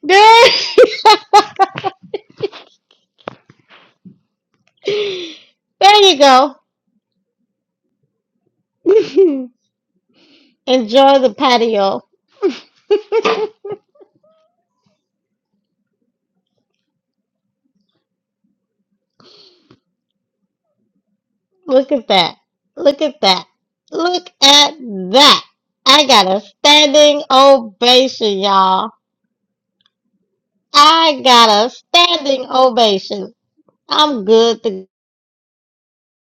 There- [LAUGHS] There you go. [LAUGHS] Enjoy the patio. [LAUGHS] Look at that. Look at that. Look at that. I got a standing ovation, y'all. I got a standing ovation. I'm good to